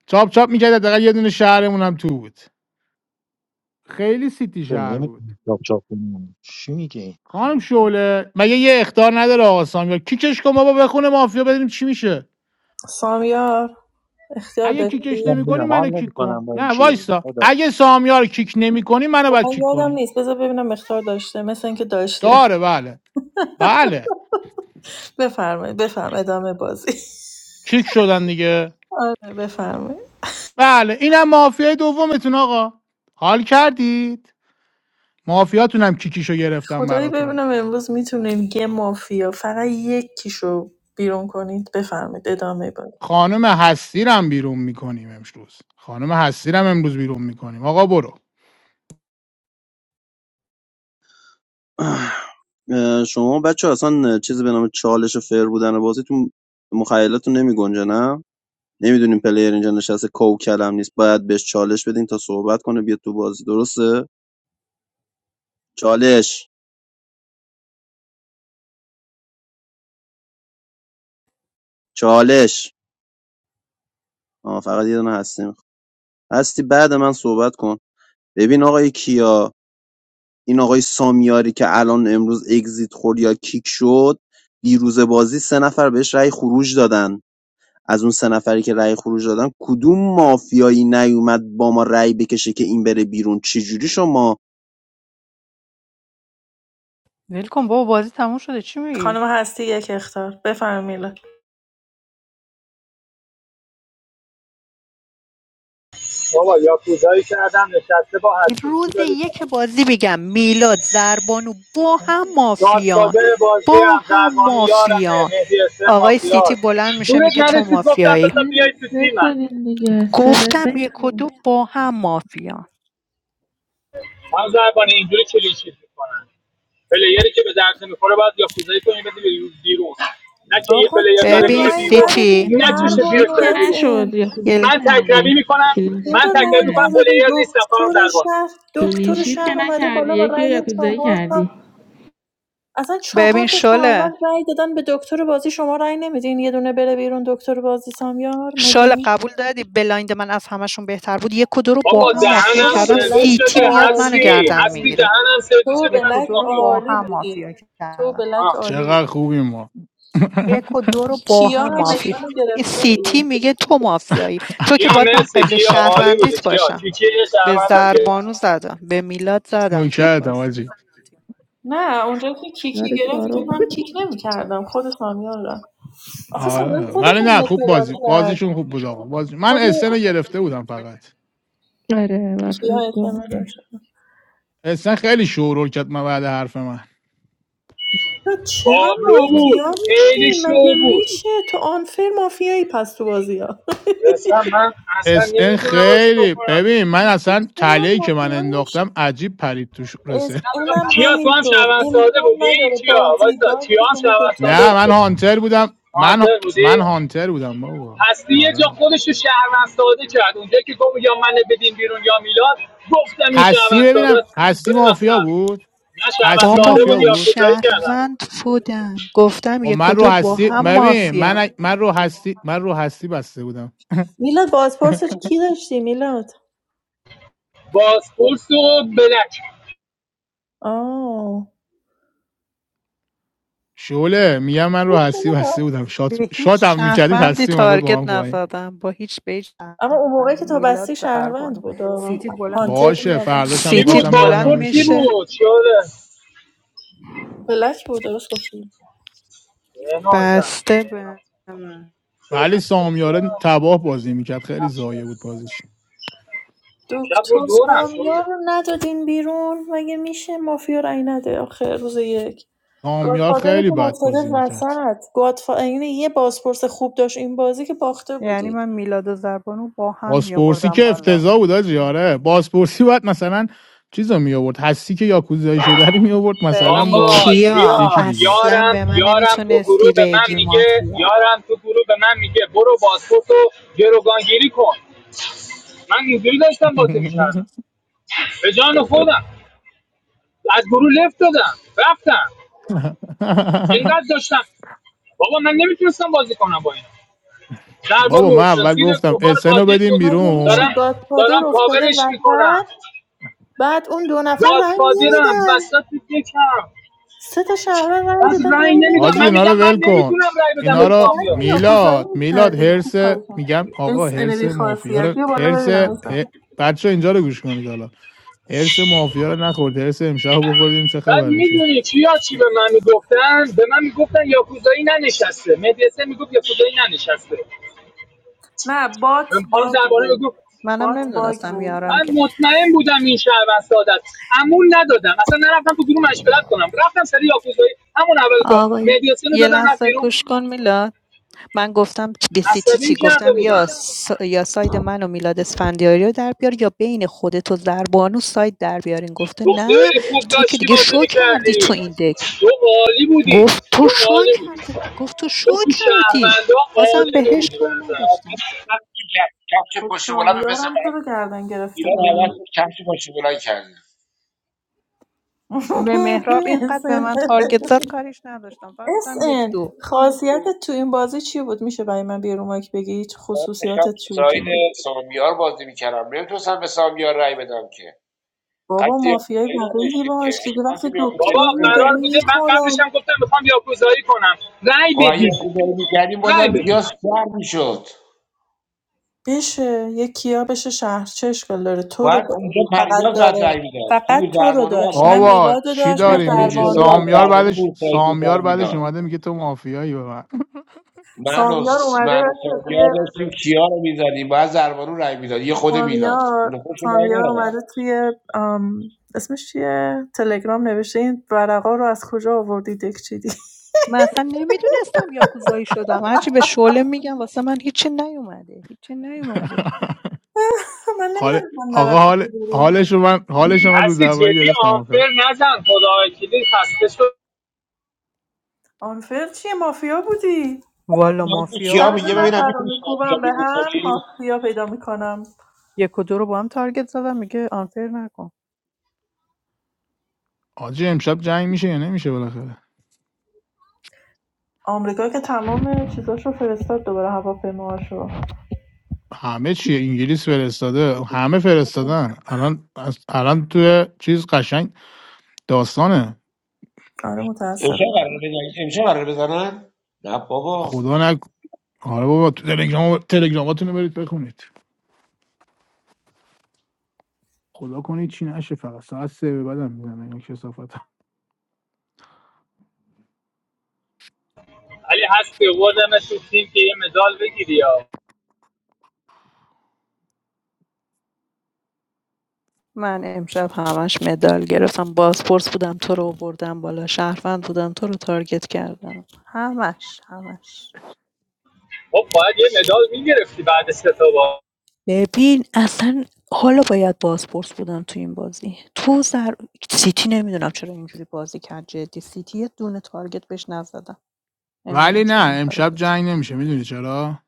چاپ چاپ میکرد حداقل یه دونه شهرمون هم تو بود خیلی سیتی تو شهر بود نمیتونی چاپ چاپ کنی چی میگی خانم شعله مگه یه اختار نداره آقا سامیار کیکش کن بابا بخونه مافیا ببینیم چی میشه سامیار اختیار اگه کیکش من داشتی؟ نمیکنی میرم حال منو کیک کن نمیکنم با این نه چیه وایسا اگه سامیار کیک نمیکنی منو خب باید من کیک یادم کنی نیست بذار ببینم اختیار داشته مثل اینکه داشته داره بله بله بفرمایید بفرم ادامه بازی کیک (laughs) شدن دیگه آره، بفرمایید بله اینم مافیای دومتون آقا حال کردید مافیاتونم کیکیشو گرفتم خدایی براتون ببینم امروز میتونیم یه مافیا فقط یکیشو بیرون کنید بفرمایید ادامه بازی خانم هستیرم بیرون میکنیم امروز خانم هستیرم امروز بیرون میکنیم آقا برو شما بچه اصلا چیزی به نام چالش فر بودن بازیتون مخیلتون نمی گنجه نه نمیدونیم پلیر اینجا نشسته کوکلم نیست باید بهش چالش بدین تا صحبت کنه بیاد تو بازی درسته چالش چالش آه فقط یه دونه هستی می‌خوام. هستی بعد من صحبت کن ببین آقای کیا این آقای سامیاری که الان امروز اگزیت خورد یا کیک شد دیروز بازی سه نفر بهش رأی خروج دادن از اون سه نفری که رأی خروج دادن کدوم مافیایی نیومد با ما رأی بکشه که این بره بیرون چجوری شما ول کن بابا بازی تموم شده چی میگی خانم هستی یک اختار بفرمایید میلاد. بابا یا کوزایی کردم نشسته با هستی روز چی داری یک میگید بازی میگم میلاد زربانو با هم مافیان گادفادر بازی با هم هم زربانو یارمه مافیان مهدی اسم آقای سیتی مافیاست بلند میشه دورت میگه تو نرسید گفتم مافیایی بذار بیای بلند تو سه تیمم شدیم دیگه سه به سه گفتم یک و دو با هم مافیان من زربانه اینجوری کلیشید میکنن پلیری که به درد نمیخوره باید یاکوزایی کنی بده بیرون بیرون. نه که یه آقا پلیر داره چرا ببین میره رأی بیرون سیتی ندادین نکشه بربان زیرش کلینشیت و که بره اس بیرون نشد ام یاکوزایی یه- من کردی تکربی میکنم کلینشیت من چرا که تکربی رأی میکنم نکردی پلیر ندادین نیست نفرم دکتر زربان شهر دکتر کلینشیت که شهر اومده نکردی بالا با یکی رو رأی یاکوزایی چهار تا کردی اصلا چهار ببین تا شله شهروند رأی دادن به دکتر بازی شما رأی نمیدین یه دونه بره بیرون دکتر بازی سامیار شال مگه قبول دادی بلایند من از همشون بهتر بود یک و دو رو تو با بابا هم مافیا دهنم و تو کردم و سرویس بلک عالی سیتی شده میاد منو هستی گردن بودی هستی میگیره دهنم تو سرویس و شده یک و بس که بلک دو رو مافیا بود با عالی هم بودی مافیا تو و کردم بلک آه. عالی چقدر بودی خوبیم ما (laughs) یک و دو رو با کیا هم هم مافی اصلا این گرفته سیتی بود میگه تو مافیایی تو که کیا باید من مرسی قبل کیا عالی بوده شهروندیت کیا باشم کی کی یه به شهروندم گرفت. زربانو زدم به میلاد زدم تو این نوکرتم باز آجی نه اونجا که کیکی گرفت که من کیک نمی کردم خود سامیان را آخه سامیان آره خودش ولی هم نه خوب اعتراض بازی کرد بازیشون خوب بود آقا بازی... من خود اسن رو گرفته بودم فقط کیا اعتماد داشت اسن خیلی شورول کرد من بعد حرف من تو چرا پابلو بود مافیا میشی خیلی شو مگه بود میشه تو آنفر مافیایی پس تو بازی ها اصلا من اصلا اسن نمیدونم واسه چی کار خیلی کنم ببین من اصلا چرا تله که من مافیا می‌شی؟ انداختم عجیب پرید توش رسه اس- اونم کیا تو هم همینطور شهروند ساده امکان بودی؟ نداره کیا؟ بازی وایسا باشه کیا هم شما شهروند دوتا ساده نه ما بود من هانتر بودم من آنتر بودی؟ من هانتر بودم بابا هستی یه جا آره خودش رو شهروند ساده کرد اونجا که گفت یا من بدین بیرون یا میلاد گفتم این هستی شهروند ساده ببینم است هستی برم مافیا سر بود نه شهروند هستی بابا ساده بود مافیا من یا بود کوزایی کردم شهروند بودم گفتم خب یک و من رو دو با هستی هم ببین مافیا من من رو هستی من رو هستی بسته بودم میلاد بازپرسش کی داشتی میلاد بازپورس و بلک آه شعله میگم من رو هستی بسته بودم شات به هیچ شاتم میکردید شهروندی هستی اومد با من تارگت پایین نزدم با هیچ به هیچ اما اون موقعی شهروندی که تا میلاد بستی زربانو شهروند بود آه. سیتی بلند هانتر میشه تو باشه نبود. فرداشم کی سیتی بود؟ میخواستم بلند ببندم بازپورس روش کی دیگه میشه بود؟ شده بلک بود درست گفتی بنازم بسته به من. ولی سامیاره تباه بازی میکرد خیلی ضایع بود بازیش امشب دکتر بود دورم سامیار شده رو ندادین بیرون مگه میشه مافیا رای نده آخر روز یک سامیار خیلی گادفادرتون بد افتاده بازی میکرد وسط گادفا... یعنی یه بازپرس خوب داشت این بازی که باخته یعنی بودید من میلاد و زربانو با هم بازپرسی میآوردم که بالا افتضاح بود آجی آره بازپرسی باید مثلا چیز رو میآورد هستی که یاکوزایی شده رو میآورد مثلا ببین با آقا کیا کیا یکی دیگه اصلا یارم به من یارم تو گروه نمیتونستی به من بگی میگه مافیا یارم تو گروه به من میگه برو باسپورتو گروگانگیری کن من اینجوری داشتم بازی (laughs) میکردم به جان خودم از گروه لفت دادم رفتم اینقدر داشتم بابا من نمیتونستم بازی کنم با این بابا من دربارو اول زیر گفتم بار اسن رو تاجر بدیم بود مگه بیرون دارم میشه گادفادر دارم افتاده کاورش وسط میکنم بعد اون دو نفر رأی گادفادرم نمیدن وسط دکم سه تا شهروند رای بعد دادن رأی رأی نمیدم حاجی من نمیدن اینا رو میگم من ول کن نمیتونم رای بدم به اینا بهتر رو سامیار که یاکوزایی میلاد میلاد میکردین خوب هرس کاری میگم کردین آقا اس هرس انبی مافیا خاصیت رو بیا بالا هرس ببینم ه... اسم بچه اینجا رو گوش کنید حالا ارس مافیا رو نخورد ارس امشب رو بخوردیم چه بعد خبر میشه میدونی چیا چی به من میگفتن به من میگفتن یاکوزایی ننشسته مدرسه میگفت یاکوزایی ننشسته نه بات من خانم باگ درباره بود میگفت منم بات باگ نمیدونستم بود یارم من که مطمئن بودم این شهروند سعادت امون ندادم اصلا نرفتم تو گروه مشورت کنم رفتم سری یاکوزایی همون اول کار آقای مدرسه رو یه دادم رفت لحظه بیرون گوش کن میلاد من گفتم به سیتی عصبیم چی کرده گفتم بودم یا س... یا ساید من و میلاد اسفندیاری رو در بیار یا بین خودت و زربانو ساید در بیارین گفته تو نه خیلی خوب تو که داشتی دیگه بازی شو کردی تو میکردی این دک تو عالی بودی گفت تو تو شو عالی بودی کردی گفت تو شو تو تو کردی شهروندا بازم عالی بهش بودی به کار نظر نداشتم کفش خب، پشت بلند به پسر یارم تو من رو گردن گرفته ایران عوض شد، کفش پشت بلند کردیم (laughs) به مهراب اینقدر به من تارگت زد کاریش نداشتم فقط اس گفتم یک ان دو خاصیتت تو این بازی چی بود میشه برای من بیرون مایک بگی هیچ من داشتم خصوصیاتت تو چی بود تو ساید این سامیار بازی میکردم نمیتونستم به سامیار رأی بدم که بابا قطعی مافیای یاکوزایی واقعی نداشتیم که باش اگه دیگه وقتی می‌خواستیم یاکوزایی دکتر بابا کنیم رو داره قرار آره. بوده من میخوره قبلش هم گفتم میخوام یاکوزایی کنم رأی خب اگه بدید یاکوزایی میکردیم رأی بازم بدید کیاس سر میشد بشه یه کیا بشه شهر چه اشکال داره تو رو باید اونجا د- فقط پریناز بعد داره رای میداد فقط توی تو رو زربانو بعد داشت رای نه میداد بابا میلاد رو چی داشت یعنی نه داری خانم میگی شعله زربانو رو بعد سامیار داشت زربانو بعدش تو سایت بود سامیار رای بعدش میداد اومده میگه تو مافیایی به من (laughs) من و سامیار س- اومده من و توی سانیا داشتیم کیا رو میزدیم باید زربانو رای میداد یه خود میلاد سامیار اون خوش رای سامیار ندادن اومده توی آم، اسمش چیه تلگرام نوشته این ورقا رو از کجا آوردی دک چیدی من اصلا نمیدونستم یاکوزایی شدم هرچی به شعله میگم واسه من هیچی نیومده هیچی نیومده (laughs) من حال نمیدونم من آقا نرفتی حال تو گروه حالش رو من حالش رو من روز هستی اول جدی گرفتم آخر آنفر نزن خدای کلی خسته شد آنفر چیه مافیا بودی والا من که مافیا سر کیا دو میگه ببینم بودی نفر رو میتونی مافیا میکوبم به بیرون هم کنی مافیا پیدا میکنم یک و دو رو با هم تارگت زدم میگه آنفر نکن آجی امشب جنگ میشه یا نمیشه بالاخره آمریکا که تمام چیزاشو فرستاد دوباره هواپیماهاشو همه چی انگلیس فرستاده همه فرستادن الان الان تو چیز قشنگ داستانه آره متاسفم امشب قراره بزنن امشب قراره بزنن نه بابا خدا نک آره بابا تو تلگرام تلگراماتونو برید بخونید خدا کنه چی نشه فقط ساعت سه به بعدم میزنه این کسافت علی هست که آوردمش تو تیم که یه مدال بگیری یا من امشب همش مدال گرفتم بازپرس بودم تو رو بردم بالا شهروند بودم تو رو تارگت کردم همش همش خب باید یه مدال میگرفتی بعد سه تا بار ببین اصلا حالا باید بازپرس بودن تو این بازی تو سر سیتی نمیدونم چرا اینجوری بازی کرد جدی سیتی یه دونه تارگت بهش نزدم ولی نمیدونم نه چرا این کارو امشب کرد جنگ نمیشه میدونی چرا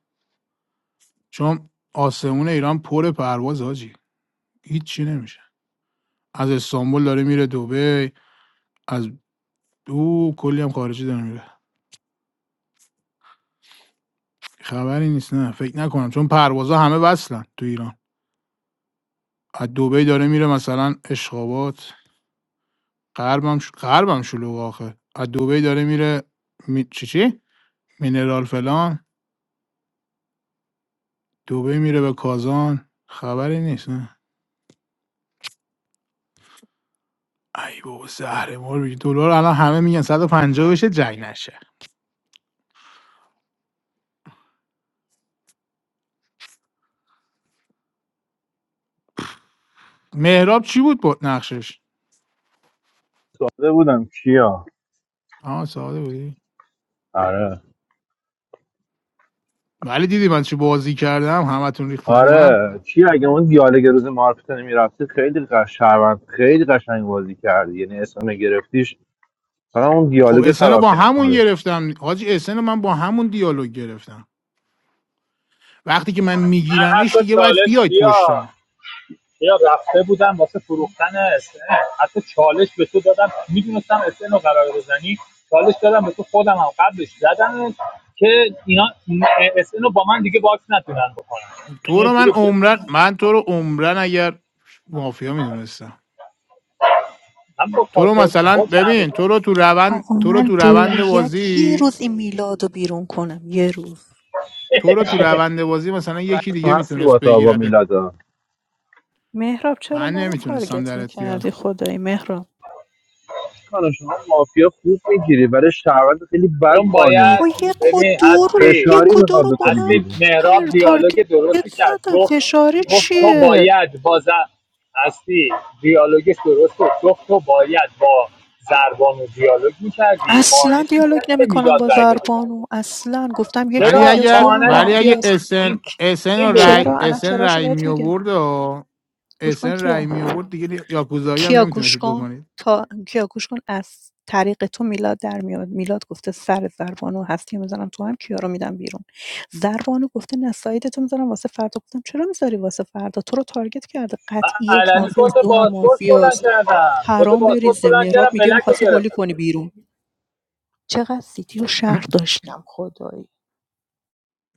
چون آسمون ایران پر پرواز حاجی هیچ چی نمیشه از استانبول داره میره دبی از او کلی هم خارجی داره میره خبری نیست نه فکر نکنم چون پروازها همه وصلن تو ایران از دبی داره میره مثلا اشخابات غربم ش... غربم شلوغ آخه از دبی داره میره می... چی چی مینرال فلان دبی میره به کازان خبری نیست نه ای بابا زهر مار بگی دلار الان همه میگن 150 بشه جنگ نشه مهراب چی بود بود نقشش داده بودم کیا آها ساده بودی آره ولی دیدی من چی بازی کردم همتون ریختید رو من آره کیا اگه اون دیالوگ روز مارکت نمیرفتی خیلی قش شهروند خیلی قشنگ بازی کردی یعنی اسم گرفتیش حالا اون خب دیالوگ اسن خراب با کرد همون کارو گرفتم حاجی اسن من با همون دیالوگ گرفتم وقتی که من من میگیرمش حتی دیگه باید چالش بیاید بیا پشتم یا رفته بودن واسه فروختن SN حتی چالش به تو دادم میدونستم SN رو قرار بزنی چالش دادم به تو خودم هم قبلش زدم که اینا SN رو با من دیگه باکس نتونن بکنن یعنی تو یه رو جوری من عمرن بفروشمش من تو رو عمرن اگر مافیا میدونستم هم با تو رو کاسه مثلا با چند ببین روزه تو رو تو روند آقا تو رو من تو روند باید یه بازی روز این میلاد رو بیرون کنم یه روز تو رو تو روند بازی مثلا یکی دیگه هستی میتونست با تا با بگیرت میلاد مهراب چرا من منو نمیتونستم تارگت درت میکردی بیارم خدای مهراب کانو شما مافیا خوب میگیری ولی شهروند خیلی بد چون قانع باید خب میکنی یک و ببین دو رو هستی فشاری یک و دو میخواد رو با بکنی هم هستی بیرون مهراب تر تارگت دیالوگ درستی کرد زدم گفت فشاری گفت تو چیه باید با ز... هستی دیالوگش درست بود گفت تو باید با زربانو دیالوگ میکردی قانش اصلا دیالوگ میکردی به نمیکنم میلاد با رای بده زربانو اصلا گفتم یک ولی چرا مافیاست اگر دو هم قانش ولی اگه میکرد مافیاست این اسن اسن این رای درسته چرا الان اسن چراشو رای می بهت میگه آورد و گوش کن اسن رای کیا می آورد دیگه یاکوزایی هم کیا گوش نمیتونستید کن بکنید تا کیا گوش کن از طریق تو میلاد در میاد میلاد گفته سر زربانو هستی میزنم تو هم کیا رو میدم بیرون زربانو گفته نه سایت تو میذارم واسه فردا گفتم چرا میذاری واسه فردا تو رو تارگت کرده من قطعی یک علنی مافیاست کت دو هم بازپورت بلند مافیاست کردم کت حرام بازپورت بریزه بلند مهراب کردم میگه بلک رو میخواستی هولی گرفتم کنی بیرون چقدر سیتی رو شهر (laughs) داشتم خدایی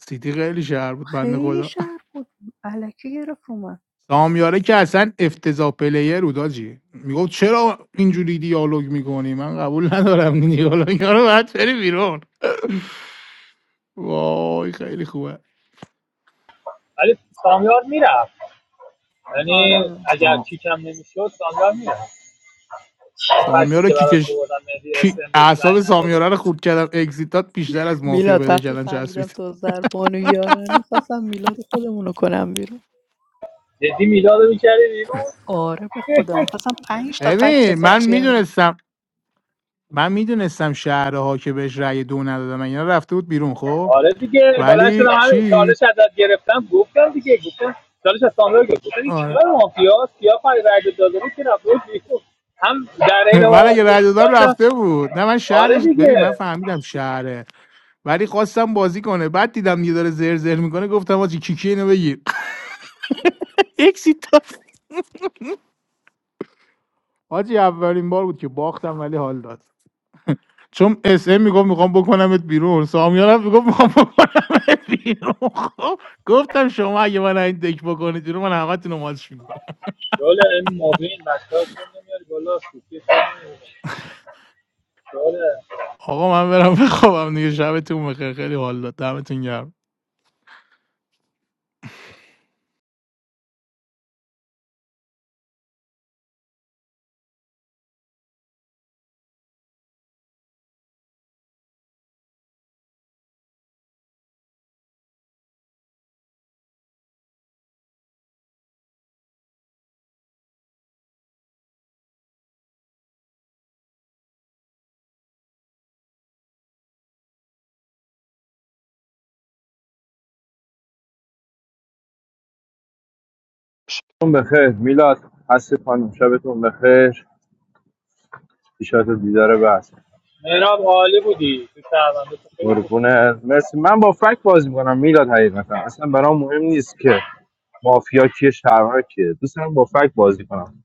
سیتی خیلی شهر بود بنده خیلی خدا شهر بود الکی گرفت اومد سامیاره که اصلا افتضاح پلیر بود آجی میگفت چرا اینجوری دیالوگ میکنی من قبول ندارم این دیالوگا رو باید بری بیرون وای خیلی خوبه ولی سامیار میرفت یعنی آره اگر سام. کیکم نمیشد سامیار میرفت فکتی سامیاره که کی براش کش؟ آوردم مهدی کی اسم بهش رأی اعصاب نداده سامیاره رو بود خورد کردم اگزیتات بیشتر از مافیا میلاد پیدا وقتی کردن فهمیدم چسبید تو زربان و یارانی خواستم میلاد خودمونو کنم بیرون جدی میلاد میکردی بیرون آره به خدا (laughs) میخواستم پنج تا فکت ببین من واسش بیارم میدونستم من میدونستم شهرها که بهش رأی دو ندادم اینا رفته بود بیرون خب آره دیگه بلند ولی شدم همین چی چالش ازت گرفتم گفتم دیگه گفتم چالش از سامرا گرفتم گفتم این کیا آره. مافیا کیا پای رد داده بود که رفته بیرون. هم در این (laughs) من حال اگه رأی دادم داشتم رفته بود نه من آره شهرش دیگه ببین من فهمیدم شهره ولی خواستم بازی کنه بعد دیدم یه داره زر زر میکنه گفتم حاجی کیکی اینو بگیر (laughs) اکسیت داد. حاجی اولین بار بود که باختم ولی حال داد چون اس ام میگفت میخوام بکنمت بیرون سامیان هم میگفت میخوام بکنمت بیرون خب گفتم شما اگه من این دک بکنید بیرون من همتون رو ماتش شغل این موبین بچه‌ها چون نمیاری بالا سوتی چون نمیاری. شغل آقا من برم بخوابم دیگه شبتون بخیر خیلی حال داد دمتون گرم شبتون بخیر میلاد هستی خانم شبتون بخیر ایشات دیدار بس مهراب عالی بودی تو شهرونده تو خیلی خوب بودی قربونه مرسی من با فک بازی میکنم میلاد حقیقتا اصلا برام مهم نیست که مافیا کیه شهروند کیه دوست دارم با فک بازی کنم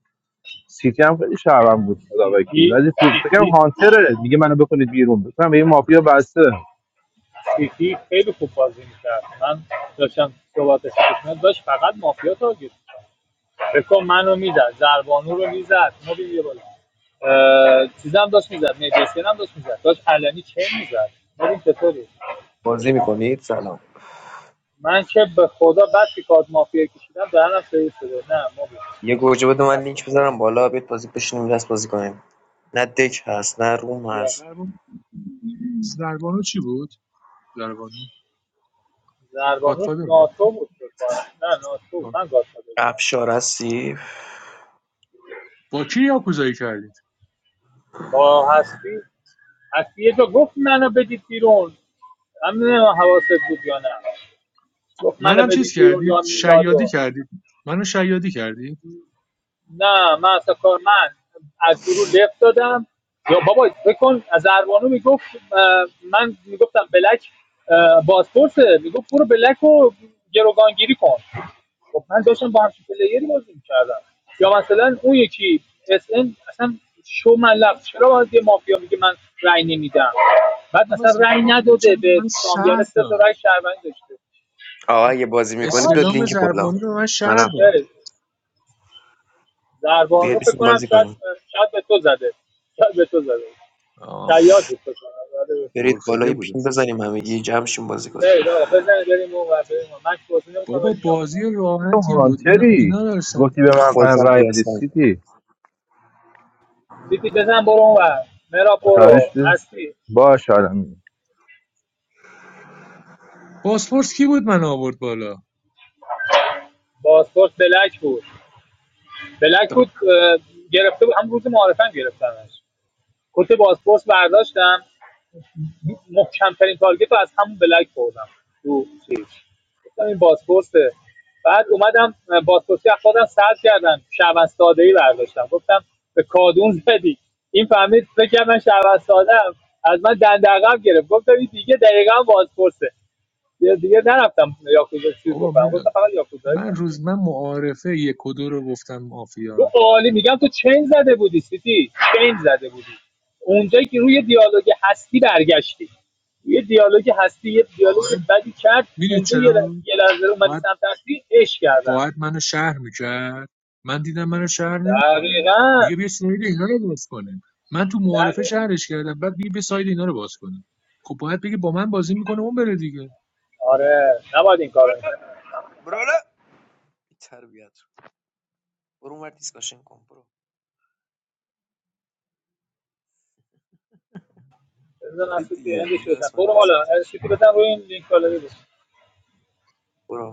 سیتی هم خیلی شهروند بود خدا وکیل سیتی ولی خوب فکرم سیتی هانتره میگه منو بکنید بیرون بکنم به یه مافیا بسته سیتی خیلی خوب بازی میکرد من داشتم صحبتش می‌کردم. داشت فقط مافیا تارگت فکر منو میزد زربانو رو میزد ما بیا بالا چیزم داشت میزد مجلسیان هم داشت میزد داشت علنی چه میزد ببین چطوری بازی میکنید سلام من که به خدا بعد که کارت مافیا کشیدم دهنم سرویس شده نه ما بود یه گوجه بده من خسته لینک شدم بذارم بالا بیت بازی بشینیم دست بازی کنیم نه دک هست نه روم بیا هست زربانو زربانو چی بود زربانو زربانوش گادفادر بود ناتو بود فکر نه ناتو بود. آه. من گاز شده بودم افشار هستی با کی یاکوزایی کردید با هستی هستی یه جا گفت منو بدید بیرون هم نمیدونم حواست بود یا نه گفت منو منم چیز بدید بیرون یا کردید شیادی میلادو کردید منو شیادی کردید نه من اصلا کار من از گروه لفت دادم یا بابا بکن از اروانو میگفت اه، من میگفتم بلک اه، بازپرسه میگفت برو بلک رو گروگانگیری کن خب من داشتم با همچین پلیری بازی میکردم یا مثلا اون یکی اس ان اصلا شو من لفت چرا باید یه مافیا میگه من رأی نمیدم بعد اما مثلا رأی زربانو چرا نداده به به من سامیانه شهر سه تا داد رأی شهروند داشته آقا اگه بازی میکنید آه؟ بیاد اسلام لینک بالا زربانو رو به من من شهر رفتم خیلی. زربان رو بیاد فکر بشین کنم بازی شاید کنیم شاید به تو زده شاید به تو زده داد شاید آره به تو. برید بالا ارکیده یه بوده پین بس بزنیم همگی جمع شیم بازی کنید برید آقا بزن بریم اون ور بریم اون ور. من که بازی نمی‌کنم بابا ولی میام اون بازی ور. تو راحتی بود اینا هانتری اینا داشتن گفتی به من فن خودم اذیت رای بده می‌کردن. هستم سیتی سیتی بزن برو اون ور مرا Vatandaş برو biz هستی bağış alemi. پاسپورت کی بود من آورد بالا پاسپورت بلک بود بلک بود دم. اه، گرفته بود هم روز معارفه هم گرفتمش کت پاسپورت برداشتم محکمترین تارگت رو از همون بلک خوردم تو چیز گفتم این بازپرسه بعد اومدم بازپرسی از خودم سرد کردم شهروند ساده برداشتم گفتم به کادون زدی این فهمید فکر کرد من شهروند ساده از من دندقم گرفت گفتم این دیگه دقیقا بازپرسه دیگه, دیگه نرفتم یاکوزا چیز بابا بکنم میلاد گفتم فقط یاکوزایی من کنم روز من معارفه یک و دو رو گفتم رو مافیا عالی میگم تو چین زده بودی سیتی چین زده بودی اونجایی که روی دیالوگ هستی برگشتی یه دیالوگ هستی یه دیالوگ آره بدی کرد میدونی اونجا یه ل- چرا یه لحظه رو اومدی باید سمت هستی عشق کردم باید منو شهر میکرد من دیدم منو شهر نمیکنه دقیقا میگه بیا ساید اینا رو باز کنیم من تو معارفه دقیق شهرش کردم بعد میگه بیا ساید اینا رو باز کنیم خب باید بگه با من بازی میکنه اون بره دیگه آره نباید این کارو میشه برالا تربیت برو اون ور دیسکاشن کن برو بزن برید اصلی تو دیگه هندش میلاد بزن برو اسفندیاری حالا اصلی بزن روی این لینک بالا بزن. برو